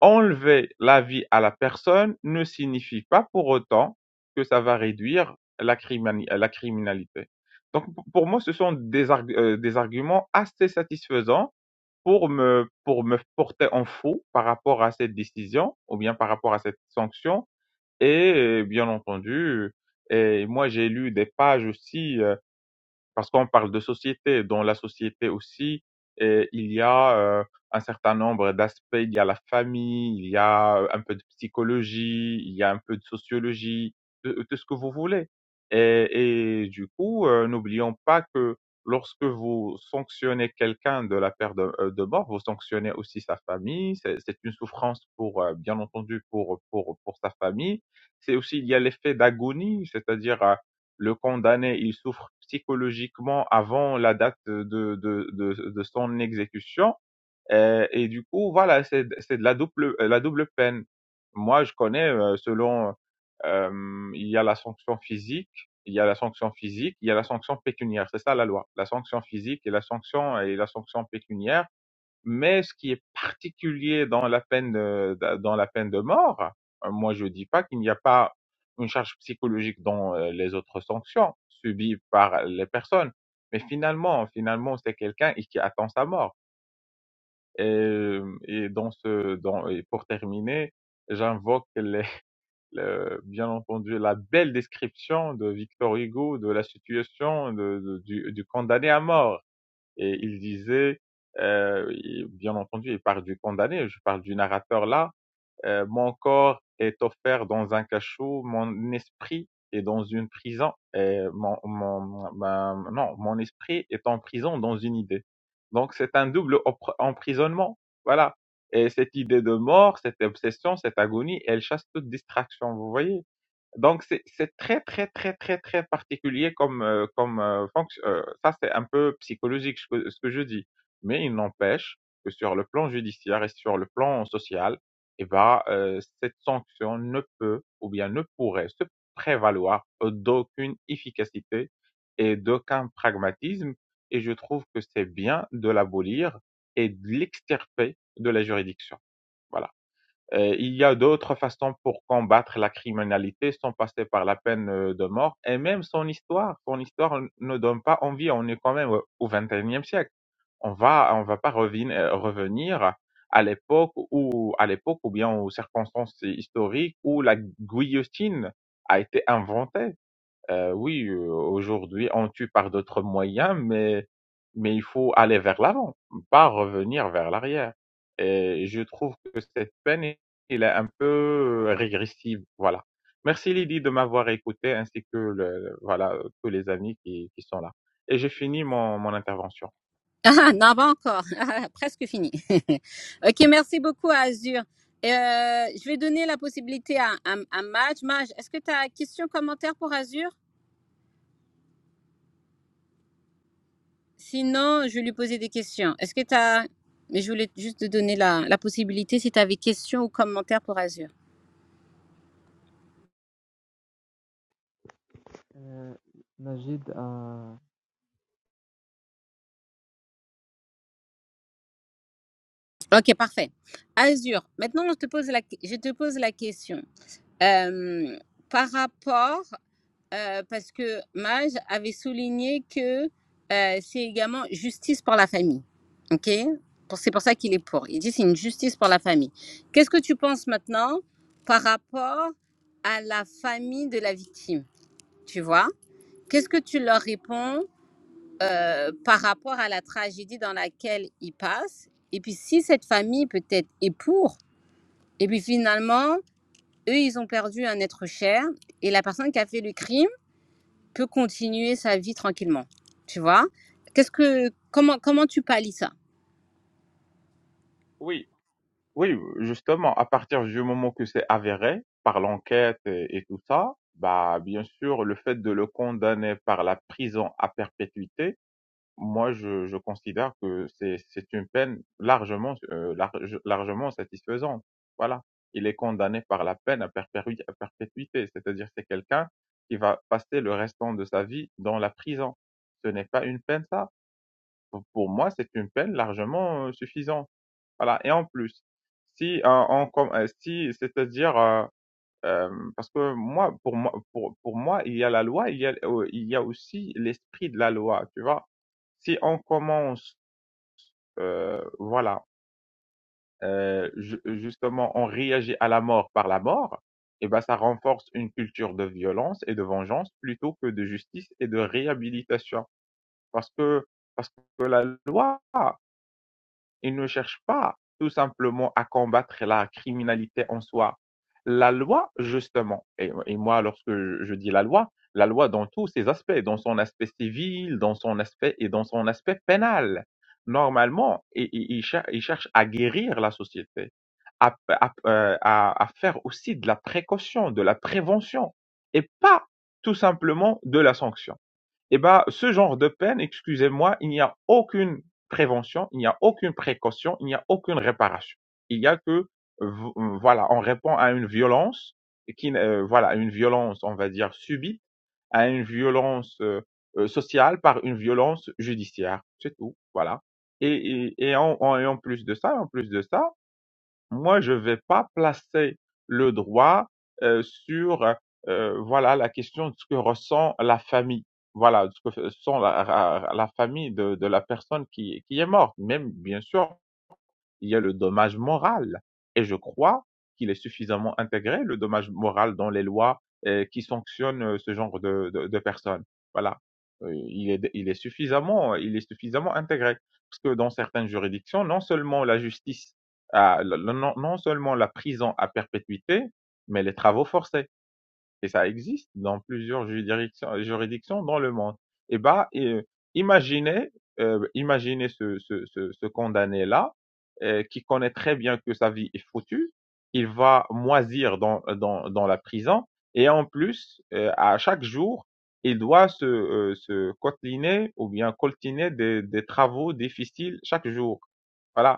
E: Enlever la vie à la personne ne signifie pas pour autant que ça va réduire la crimani- euh, la criminalité. Donc p- pour moi, ce sont des arg- euh, des arguments assez satisfaisants pour me pour me porter en faux par rapport à cette décision ou bien par rapport à cette sanction et euh, bien entendu euh, et moi j'ai lu des pages aussi euh, parce qu'on parle de société. Dans la société aussi, euh, il y a euh, un certain nombre d'aspects. Il y a la famille, il y a euh, un peu de psychologie, il y a un peu de sociologie, de, euh, de ce que vous voulez. Et, et du coup, euh, n'oublions pas que lorsque vous sanctionnez quelqu'un de la peur de, euh, de mort, vous sanctionnez aussi sa famille. C'est c'est une souffrance pour, euh, bien entendu, pour, pour, pour sa famille. C'est aussi, il y a l'effet d'agonie, c'est-à-dire euh, le condamné il souffre psychologiquement avant la date de, de, de, de son exécution. Euh, Et, du coup, voilà, c'est c'est de la double, euh, la double peine. Moi, je connais, euh, selon, euh, il y a la sanction physique, il y a la sanction physique, il y a la sanction pécuniaire. C'est ça la loi. La sanction physique et la sanction et la sanction pécuniaire. Mais ce qui est particulier dans la peine de, dans la peine de mort, euh, moi je dis pas qu'il n'y a pas une charge psychologique dans euh, les autres sanctions subies par les personnes, mais finalement, finalement c'est quelqu'un et qui attend sa mort. Et, euh, et dans ce, dans, et pour terminer, j'invoque les- (laughs) le- bien entendu la belle description de Victor Hugo de la situation de- de- du, du condamné à mort et il disait, euh, bien entendu, il parle du condamné, je parle du narrateur là, euh, mon corps est offert dans un cachot, mon esprit est dans une prison, et mon, mon, ma- non, mon esprit est en prison dans une idée. Donc c'est un double emprisonnement, voilà. Et cette idée de mort, cette obsession, cette agonie, elle chasse toute distraction, vous voyez? Donc c'est c'est très très très très très particulier comme euh, comme euh, fonction. euh, ça c'est un peu psychologique ce que, ce que je dis, mais il n'empêche que sur le plan judiciaire et sur le plan social, eh ben euh, cette sanction ne peut ou bien ne pourrait se prévaloir d'aucune efficacité et d'aucun pragmatisme. Et je trouve que c'est bien de l'abolir et de l'extirper de la juridiction. Voilà. Euh, il y a d'autres façons pour combattre la criminalité sans passer par la peine euh, de mort et même son histoire. Son histoire ne donne pas envie. On est quand même au au 21e siècle. On va, on va pas revin- euh, revenir à l'époque ou à l'époque ou bien aux circonstances historiques où la guillotine a été inventée. Euh, oui, euh, aujourd'hui, on tue par d'autres moyens, mais, mais il faut aller vers l'avant, pas revenir vers l'arrière. Et je trouve que cette peine, elle est un peu régressive. Voilà. Merci Lydie de m'avoir écouté, ainsi que le, voilà, tous les amis qui, qui sont là. Et j'ai fini mon, mon intervention.
A: (laughs) Ah, non, pas encore. (laughs) Ah, Presque fini. (laughs) ok, merci beaucoup à Azur. Euh, je vais donner la possibilité à, à, à Maj. Maj, est-ce que tu as question, commentaire pour Azur Sinon, je vais lui poser des questions. Est-ce que tu as... Mais je voulais juste te donner la, la possibilité si tu avais question ou commentaire pour Azur.
D: Heu, Majid a
A: Ok, parfait. Azure, maintenant je te pose la, je te pose la question. Euh, par rapport, euh, parce que Maj avait souligné que euh, c'est également justice pour la famille. Ok Pour- C'est pour ça qu'il est pour. Il dit c'est une justice pour la famille. Qu'est-ce que tu penses maintenant par rapport à la famille de la victime Tu vois Qu'est-ce que tu leur réponds euh, par rapport à la tragédie dans laquelle ils passent. Et puis si cette famille peut-être est pour, et puis finalement, eux, ils ont perdu un être cher, et la personne qui a fait le crime peut continuer sa vie tranquillement. Tu vois Qu'est-ce que comment comment tu pallies ça
E: Oui, oui, justement, à partir du moment que c'est avéré par l'enquête et, et tout ça, bah, bien sûr, le fait de le condamner par la prison à perpétuité, Moi, je je considère que c'est c'est une peine largement, heu, large largement satisfaisante. Voilà. Il est condamné par la peine à perpérui à perpétuité, c'est-à-dire c'est quelqu'un qui va passer le restant de sa vie dans la prison. Ce n'est pas une peine ça. Pour pour moi, c'est une peine largement, heu, suffisante. Voilà et en plus, si, heu, on com heu, si c'est-à-dire, heu Hem, parce que moi, pour moi pour pour moi, il y a la loi, il y a, heu, il y a aussi l'esprit de la loi, tu vois? Si on commence, heu, voilà, heu, ju justement, on réagit à la mort par la mort, et ben ça renforce une culture de violence et de vengeance plutôt que de justice et de réhabilitation. Parce que parce que la loi Il ne cherche pas tout simplement à combattre la criminalité en soi. La loi, justement, et, et moi, lorsque je je dis la loi, la loi dans tous ses aspects, dans son aspect civil, dans son aspect et dans son aspect pénal, normalement, il, il- il cher- il cherche à guérir la société, à, à- euh, à- à faire aussi de la précaution, de la prévention, et pas tout simplement de la sanction. Eh ben, ce genre de peine, excusez-moi, il n'y a aucune prévention, il n'y a aucune précaution, il n'y a aucune réparation. Il y a que, v- voilà, on répond à une violence qui, euh, voilà, une violence, on va dire, subie, à une violence euh, euh, sociale par une violence judiciaire. C'est tout, voilà. Et, et, et en, en, et en plus de ça, en plus de ça, moi, je ne vais pas placer le droit euh, sur euh, voilà la question de ce que ressent la famille, voilà de ce que ressent la, la- la famille de, de la personne qui, qui est morte. Même bien sûr, il y a le dommage moral. Et je crois qu'il est suffisamment intégré, le dommage moral, dans les lois euh, qui sanctionnent euh, ce genre de, de, de personnes. Voilà. Euh, il, est, il, est suffisamment, il est suffisamment intégré. Parce que dans certaines juridictions, non seulement la justice, a- non, non seulement la prison à perpétuité, mais les travaux forcés et ça existe dans plusieurs juridictions, juridictions dans le monde. Et bah, et, euh, imaginez, euh, imaginez ce, ce, ce, ce condamné-là, euh, qui connaît très bien que sa vie est foutue, il va moisir dans, dans, dans la prison, et en plus, euh, à chaque jour, il doit se, euh, se coteliner ou bien coltiner des, des travaux difficiles chaque jour. Voilà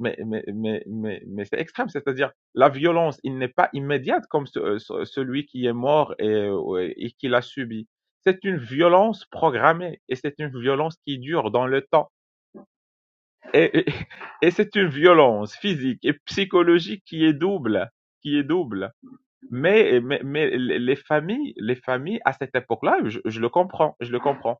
E: mais, mais, mais, mais, mais c'est extrême. C'est-à-dire, la violence, il n'est pas immédiate comme ce- euh, ce- celui qui est mort et, euh, et qui l'a subi. C'est une violence programmée et c'est une violence qui dure dans le temps. Et, et, et c'est une violence physique et psychologique qui est double, qui est double. Mais, mais, mais les familles, les familles à cette époque-là, je, je le comprends, je le comprends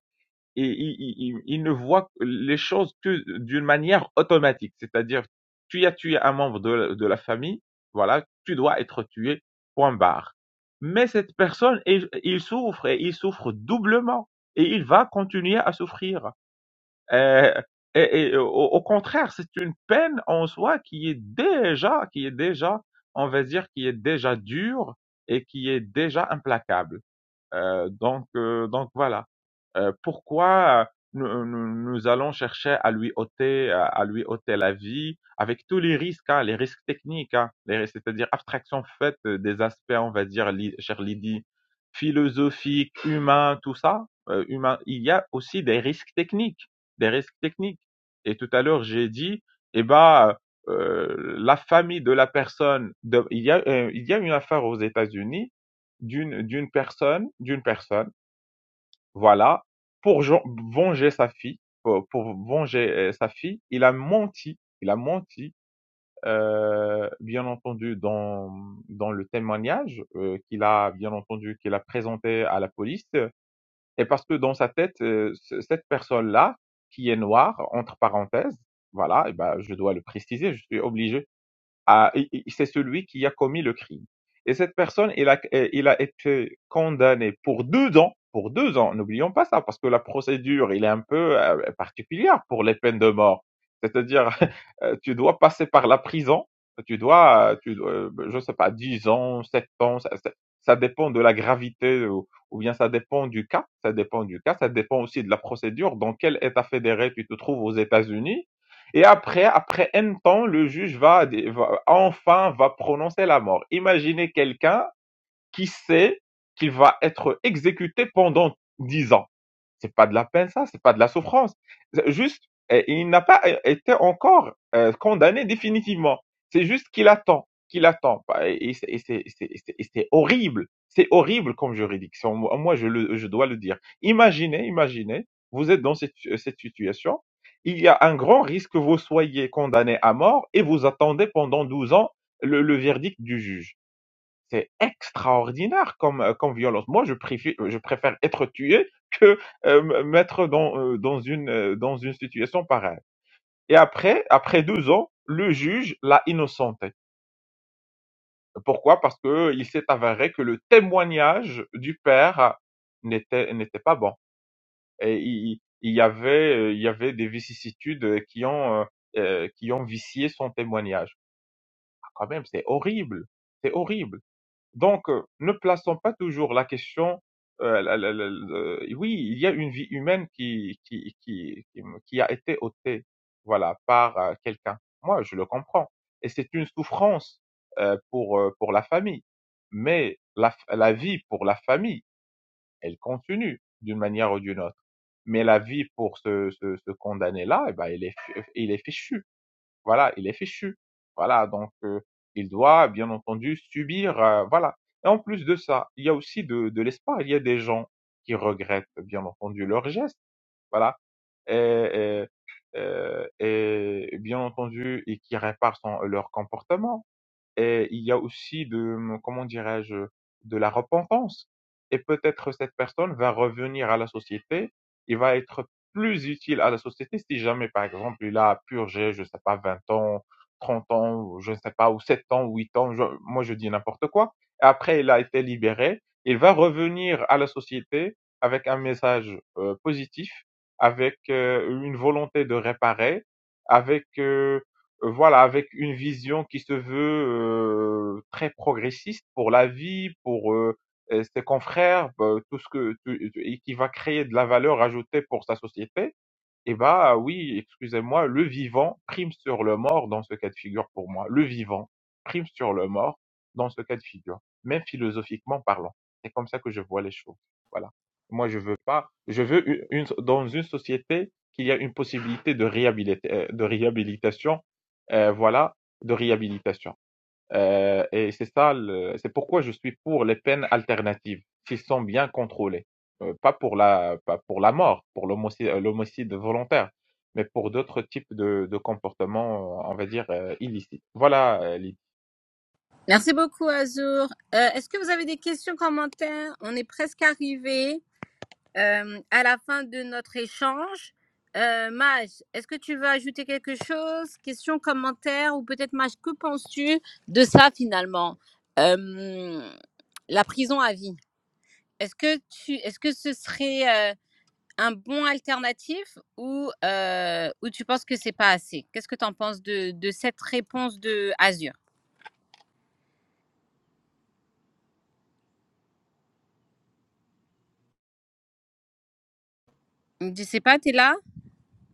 E: et il, il- il- ne voit les choses que d'une manière automatique. C'est-à-dire, tu as tué un membre de, la- de la famille, voilà, tu dois être tué, point barre. Mais cette personne, il, il souffre et il souffre doublement et il va continuer à souffrir. Euh, et, et au, au contraire, c'est une peine en soi qui est déjà, qui est déjà, on va dire, qui est déjà dure et qui est déjà implacable. Euh, donc, euh, donc voilà. Euh, pourquoi nous, nous- nous allons chercher à lui ôter, euh, à lui ôter la vie, avec tous les risques, hein, les risques techniques, hein, les risques- c'est-à-dire abstraction faite des aspects, on va dire, li- cher Lydie, philosophiques, humains, tout ça. euh, humain, il y a aussi des risques techniques, des risques techniques. Et tout à l'heure, j'ai dit, eh ben, euh, la famille de la personne, de- il y a, euh, il y a une affaire aux États-Unis d'une d'une personne, d'une personne, voilà, pour jen- venger sa fille, pour, pour venger euh, sa fille, il a menti, il a menti, euh, bien entendu dans dans le témoignage euh, qu'il a bien entendu qu'il a présenté à la police, euh, et parce que dans sa tête, euh, ce- cette personne-là qui est noire entre parenthèses, voilà, et ben je dois le préciser, je suis obligé a- i- i- c'est celui qui a commis le crime. Et cette personne, il a, euh, il a été condamné pour deux ans, pour deux ans, n'oublions pas ça, parce que la procédure, il est un peu euh, particulière pour les peines de mort. C'est-à-dire, (laughs) euh, tu dois passer par la prison, tu dois, euh, tu, dois, euh, je sais pas, 10 ans, 7 ans, ça, ça- ça dépend de la gravité ou, ou bien ça dépend du cas, ça dépend du cas, ça dépend aussi de la procédure, dans quel état fédéré tu te trouves aux États-Unis et après, après un temps, le juge va, va enfin va prononcer la mort. Imaginez quelqu'un qui sait qu'il va être exécuté pendant dix ans. C'est pas de la peine, ça, c'est pas de la souffrance. Juste, euh, il n'a pas euh, été encore euh, condamné définitivement. C'est juste qu'il attend, qu'il attend. Bah, Et c'est et c'est- et c'est- et c'est- et c'est horrible. C'est horrible comme juridiction. Moi, je, le, je dois le dire. Imaginez, imaginez, vous êtes dans cette, cette situation. Il y a un grand risque que vous soyez condamné à mort et vous attendez pendant 12 ans le, le verdict du juge c'est extraordinaire comme, euh, comme violence. Moi, je préfère, je préfère être tué que euh, mettre dans, euh, dans, une, euh, dans une situation pareille. Et après, après deux ans, le juge l'a innocenté. Pourquoi Parce que euh, il s'est avéré que le témoignage du père ah, n'était n'était pas bon. Et il, il y avait euh, il y avait des vicissitudes qui ont euh, euh, qui ont vicié son témoignage. Ah, Quand même, c'est horrible, c'est horrible. Donc, euh, ne plaçons pas toujours la question. euh, la- la- la- le- oui, il y a une vie humaine qui, qui, qui, qui, qui a été ôtée, voilà, par euh, quelqu'un. Moi, je le comprends. Et c'est une souffrance euh, pour, euh, pour la famille. Mais la, f- la vie pour la famille, elle continue d'une manière ou d'une autre. Mais la vie pour ce, ce, ce condamné-là, eh ben, il est, fi- il est fichu. Voilà, il est fichu. Voilà, donc heu, il doit bien entendu subir, heu, voilà et en plus de ça, il y a aussi de de l'espoir. Il y a des gens qui regrettent bien entendu leurs gestes, voilà et et heu et bien entendu et qui réparent son leur comportement. Et il y a aussi de, comment dirais-je, de la repentance. Et peut-être cette personne va revenir à la société, il va être plus utile à la société si jamais, par exemple, il a purgé, je sais pas, 20 ans, 30 ans, ou je ne sais pas, ou 7 ans, ou 8 ans, je- moi je dis n'importe quoi. Et après, il a été libéré, il va revenir à la société avec un message euh, positif, avec euh, une volonté de réparer, avec euh, Heu, voilà, avec une vision qui se veut, heu, très progressiste pour la vie, pour, heu heu, ses confrères, heu, tout ce que tu et qui va créer de la valeur ajoutée pour sa société. Eh bah oui, excusez-moi, le vivant prime sur le mort dans ce cas de figure pour moi. Le vivant prime sur le mort dans ce cas de figure, même philosophiquement parlant. C'est comme ça que je vois les choses. Voilà. Moi, je veux pas, je veux une, une- so, dans une société qu'il y a une possibilité de réhabilita- euh, de réhabilitation, euh, voilà, de réhabilitation. Euh, et c'est ça, le- c'est pourquoi je suis pour les peines alternatives, s'ils sont bien contrôlés. Euh, pas pour la, pas pour la mort, pour l'homicide euh, l'homicide volontaire, mais pour d'autres types de, de comportements, euh, on va dire, euh, illicites. Voilà, euh, Lydie.
A: Merci beaucoup Azur. Euh, Est-ce que vous avez des questions, commentaires On est presque arrivé. Euh, à la fin de notre échange, euh, Maj, est-ce que tu veux ajouter quelque chose Question, commentaire Ou peut-être, Maj, que penses-tu de ça finalement Euh, La prison à vie. Est-ce que, tu, est-ce que ce serait euh, un bon alternatif ou, euh, ou tu penses que c'est pas assez Qu'est-ce que tu en penses de, de cette réponse de Azur Je sais pas, tu es là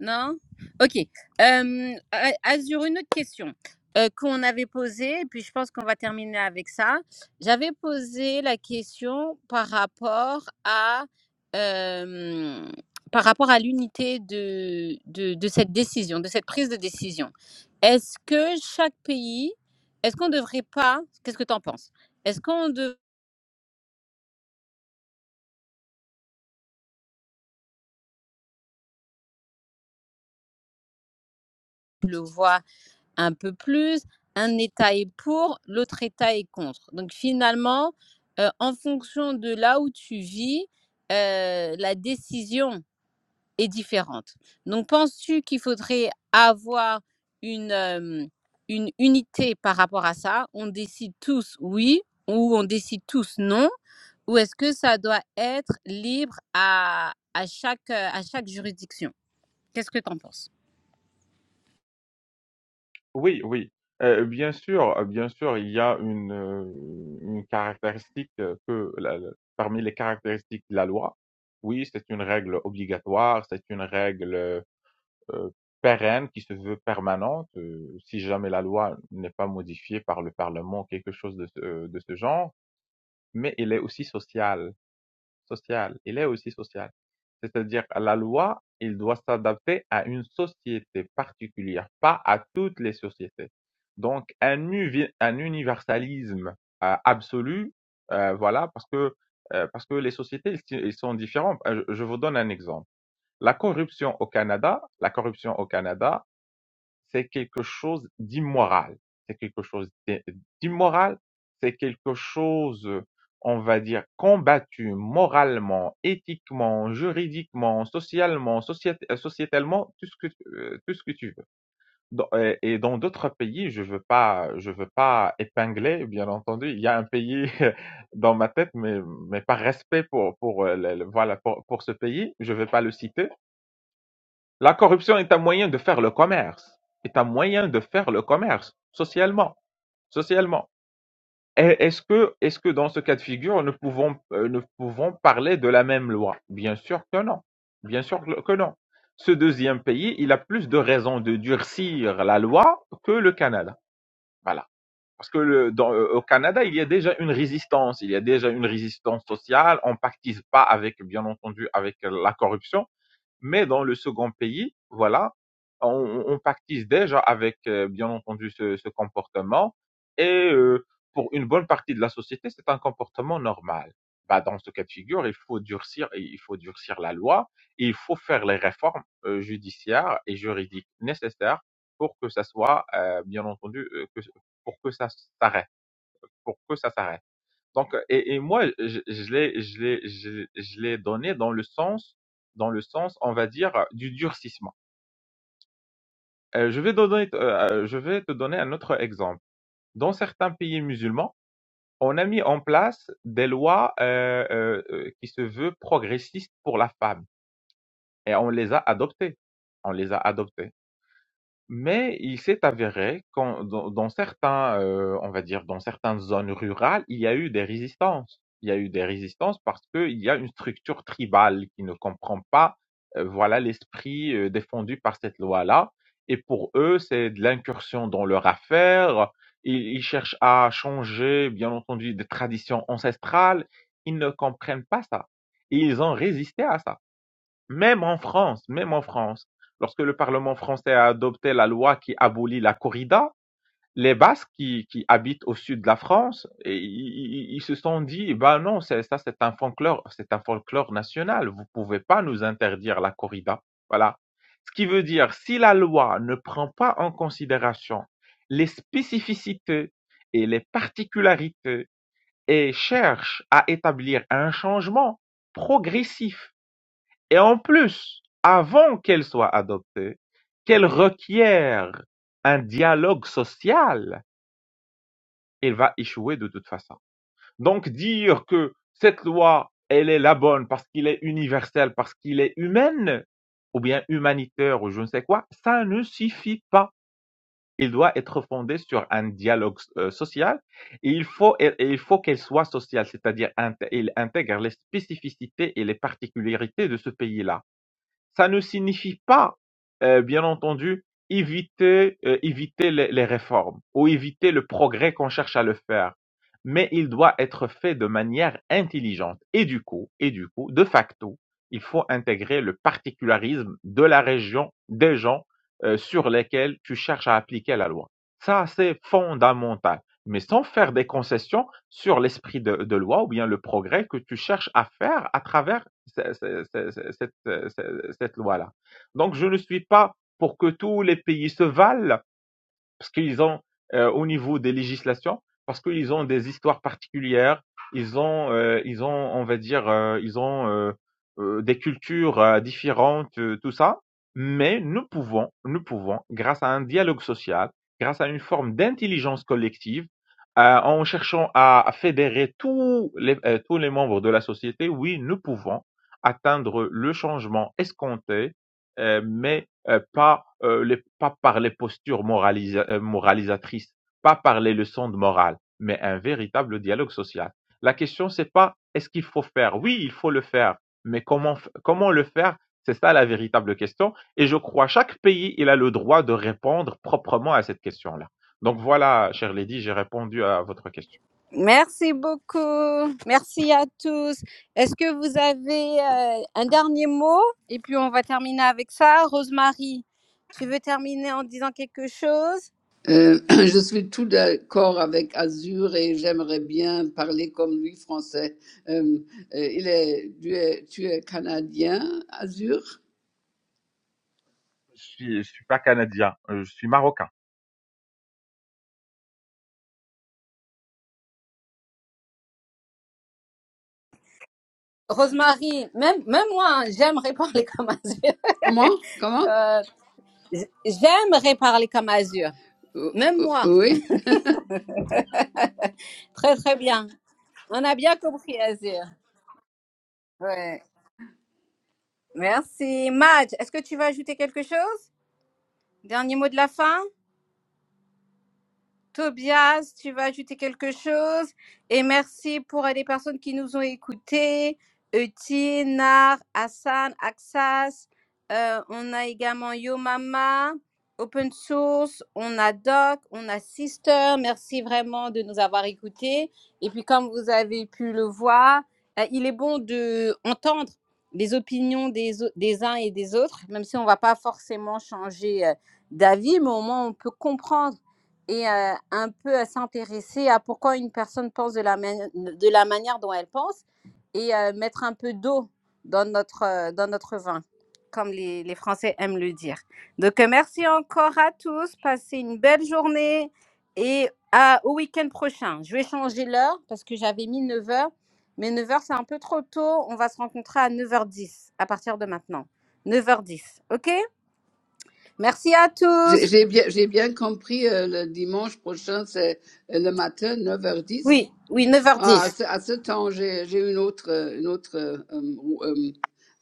A: Non? Ok. Euh, A- Azur, une autre question euh, qu'on avait posée, et puis je pense qu'on va terminer avec ça. J'avais posé la question par rapport à, euh, par rapport à l'unité de, de, de cette décision, de cette prise de décision. Est-ce que chaque pays, est-ce qu'on ne devrait pas, qu'est-ce que tu en penses? Est-ce qu'on devrait le voir un peu plus, un État est pour, l'autre État est contre. Donc finalement, euh, en fonction de là où tu vis, euh, la décision est différente. Donc penses-tu qu'il faudrait avoir une, euh, une unité par rapport à ça On décide tous oui ou on décide tous non Ou est-ce que ça doit être libre à, à, chaque, à chaque juridiction Qu'est-ce que tu en penses
E: Oui, oui. Euh, bien sûr, euh, bien sûr, il y a une, euh, une caractéristique euh, que, la- la- parmi les caractéristiques de la loi, oui, c'est une règle obligatoire, c'est une règle euh, euh, pérenne, qui se veut permanente, euh, si jamais la loi n'est pas modifiée par le Parlement, quelque chose de ce, euh, de ce genre, mais il est aussi social, social, il est aussi social. C'est-à-dire la loi, il doit s'adapter à une société particulière, pas à toutes les sociétés. Donc un, uvi- un universalisme euh, absolu, euh, voilà, parce que euh, parce que les sociétés ils, sont différentes. Euh, Je, je vous donne un exemple. La corruption au Canada, la corruption au Canada, c'est quelque chose d'immoral. C'est quelque chose d'immoral, c'est quelque chose, on va dire, combattu moralement, éthiquement, juridiquement, socialement, euh, sociétalement, tout ce que, euh, tout ce que tu veux. euh, et dans d'autres pays, je veux pas, je veux pas épingler, bien entendu. Il y a un pays (laughs) dans ma tête, mais, mais par respect pour, pour, euh, le- le- voilà, pour, pour ce pays, je veux pas le citer. La corruption est un moyen de faire le commerce, est un moyen de faire le commerce socialement, socialement. Et Est-ce que, est-ce que dans ce cas de figure, nous pouvons, euh, nous pouvons parler de la même loi Bien sûr que non, bien sûr que non. Ce deuxième pays, il a plus de raisons de durcir la loi que le Canada. Voilà. Parce que le, dans, euh, au Canada, il y a déjà une résistance, il y a déjà une résistance sociale. On pactise pas avec, bien entendu, avec la corruption mais dans le second pays, voilà, on, on pactise déjà avec, euh, bien entendu, ce, ce comportement. Et euh, pour une bonne partie de la société, c'est un comportement normal. Bah, dans ce cas de figure, il faut durcir, il faut durcir la loi et il faut faire les réformes euh, judiciaires et juridiques nécessaires pour que ça soit, euh, bien entendu, euh, que- pour que ça s'arrête, pour que ça s'arrête. Donc, euh, et, et moi, je, je l'ai, je l'ai, je, l'ai- je l'ai donné dans le sens, dans le sens, on va dire, euh, du durcissement. Euh, je vais donner, euh, euh, je vais te donner un autre exemple. Dans certains pays musulmans, on a mis en place des lois euh, euh, euh, qui se veulent progressistes pour la femme, et on les a adoptées. On les a adoptées. Mais il s'est avéré qu'en dans dans certains, heu, on va dire, dans certaines zones rurales, il y a eu des résistances. Il y a eu des résistances parce qu'il y a une structure tribale qui ne comprend pas, heu, voilà l'esprit, heu, défendu par cette loi-là et pour eux, c'est de l'incursion dans leurs affaires. Ils ils cherchent à changer, bien entendu, des traditions ancestrales. Ils ne comprennent pas ça et ils ont résisté à ça. Même en France, même en France, lorsque le Parlement français a adopté la loi qui abolit la corrida, les Basques qui, qui habitent au sud de la France, et ils, ils- se sont dit, bah non, c'est- ça c'est un folklore, c'est un folklore national. Vous pouvez pas nous interdire la corrida. Voilà. Ce qui veut dire, si la loi ne prend pas en considération les spécificités et les particularités et cherche à établir un changement progressif et en plus, avant qu'elle soit adoptée, qu'elle requiert un dialogue social, elle va échouer de toute façon. Donc dire que cette loi, elle est la bonne parce qu'il est universel, parce qu'il est humaine, ou bien humanitaire, ou je ne sais quoi, ça ne suffit pas. Il doit être fondé sur un dialogue euh, social et il faut, et- et il faut qu'elle soit sociale, c'est-à-dire int- il intègre les spécificités et les particularités de ce pays-là. Ça ne signifie pas, euh, bien entendu, éviter, euh, éviter les, les réformes ou éviter le progrès qu'on cherche à le faire. Mais il doit être fait de manière intelligente. Et du coup, et du coup, de facto, il faut intégrer le particularisme de la région, des gens euh, sur lesquels tu cherches à appliquer la loi. Ça, c'est fondamental. Mais sans faire des concessions sur l'esprit de, de loi ou bien le progrès que tu cherches à faire à travers ce- ce- cette, euh, cette loi-là. Donc, je ne suis pas pour que tous les pays se valent, parce qu'ils ont euh, au niveau des législations, parce qu'ils ont des histoires particulières, ils ont, euh, ils ont, on va dire, euh, ils ont euh, euh, des cultures euh, différentes, euh, tout ça. Mais nous pouvons, nous pouvons, grâce à un dialogue social, grâce à une forme d'intelligence collective, euh, en cherchant à, à fédérer tous les, euh, tous les membres de la société, oui, nous pouvons atteindre le changement escompté, euh, mais euh, pas, euh, les, pas par les postures moralisa- euh, moralisatrices, pas par les leçons de morale, mais un véritable dialogue social. La question, c'est pas est-ce qu'il faut faire Oui, il faut le faire, mais comment, f- comment le faire C'est ça la véritable question. Et je crois chaque pays, il a le droit de répondre proprement à cette question-là. Donc voilà, chère Lady, j'ai répondu à votre question.
A: Merci beaucoup. Merci à tous. Est-ce que vous avez euh, un dernier mot Et puis on va terminer avec ça. Rosemary, tu veux terminer en disant quelque chose
B: Euh, (clears throat) je suis tout d'accord avec Azur et j'aimerais bien parler comme lui français. Euh, euh, il est, tu, es, tu es canadien, Azur
E: Je suis, je suis pas canadien, euh, je suis marocain.
A: Rosemary, même, même moi, hein, j'aimerais parler comme Azur.
B: Comment Comment
A: Euh, j- j'aimerais parler comme Azur.
B: Euh,
A: Même moi.
B: euh, Oui
A: Très très bien. On a bien compris Azur. Ouais. Merci. Madge, est-ce que tu veux ajouter quelque chose Dernier mot de la fin Tobias, tu vas ajouter quelque chose. Et merci pour euh, les personnes qui nous ont écoutés. Eutine, Nar, Hassan, Axas. Euh, on a également Yo Mama, Open Source. On a Doc, on a Sister. Merci vraiment de nous avoir écoutés. Et puis, comme vous avez pu le voir, euh, il est bon de entendre les opinions des, au- des uns et des autres, même si on ne va pas forcément changer euh, d'avis, mais au moins on peut comprendre et euh, un peu euh, s'intéresser à pourquoi une personne pense de la, mani- de la manière dont elle pense et euh, mettre un peu d'eau dans notre, euh, dans notre vin, comme les, les Français aiment le dire. Donc, euh, merci encore à tous. Passez une belle journée et à- au week-end prochain. Je vais changer l'heure parce que j'avais mis neuf heures mais neuf heures c'est un peu trop tôt. On va se rencontrer à neuf heures dix à partir de maintenant. neuf heures dix ok Merci à
B: J'ai
A: tous.
B: j'ai bien, j'ai bien compris, euh, le dimanche prochain, c'est euh, le matin, neuf heures dix.
A: Oui, oui, neuf heures
B: Ah,
A: dix
B: à, ce, à ce temps, j'ai j'ai une autre, euh, une autre euh, euh, euh,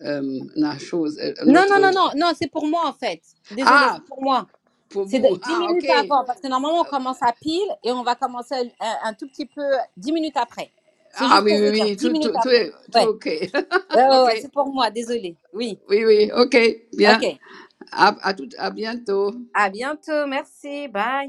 B: euh, la chose, euh, une
A: Non,
B: autre...
A: non, non, non,
B: euh,
A: non, c'est pour moi en fait. Désolée,
B: Ah,
A: c'est pour moi.
B: pour
A: C'est de-
B: vous,
A: 10
B: ah, ok.
A: minutes avant, parce que normalement on commence à pile et on va commencer un, un tout petit peu 10 minutes après. C'est
B: Ah,
A: juste
B: oui,
A: pour
B: oui,
A: vous dire,
B: oui,
A: 10
B: tout,
A: minutes
B: tout, tout
A: après.
B: est tout
A: Ouais,
B: ok. (laughs)
A: ouais, ouais, ouais,
B: ok,
A: c'est pour moi, désolée. Oui,
B: oui, oui, ok, bien.
A: ok.
B: À, à, tout, à bientôt.
A: À bientôt, merci, bye.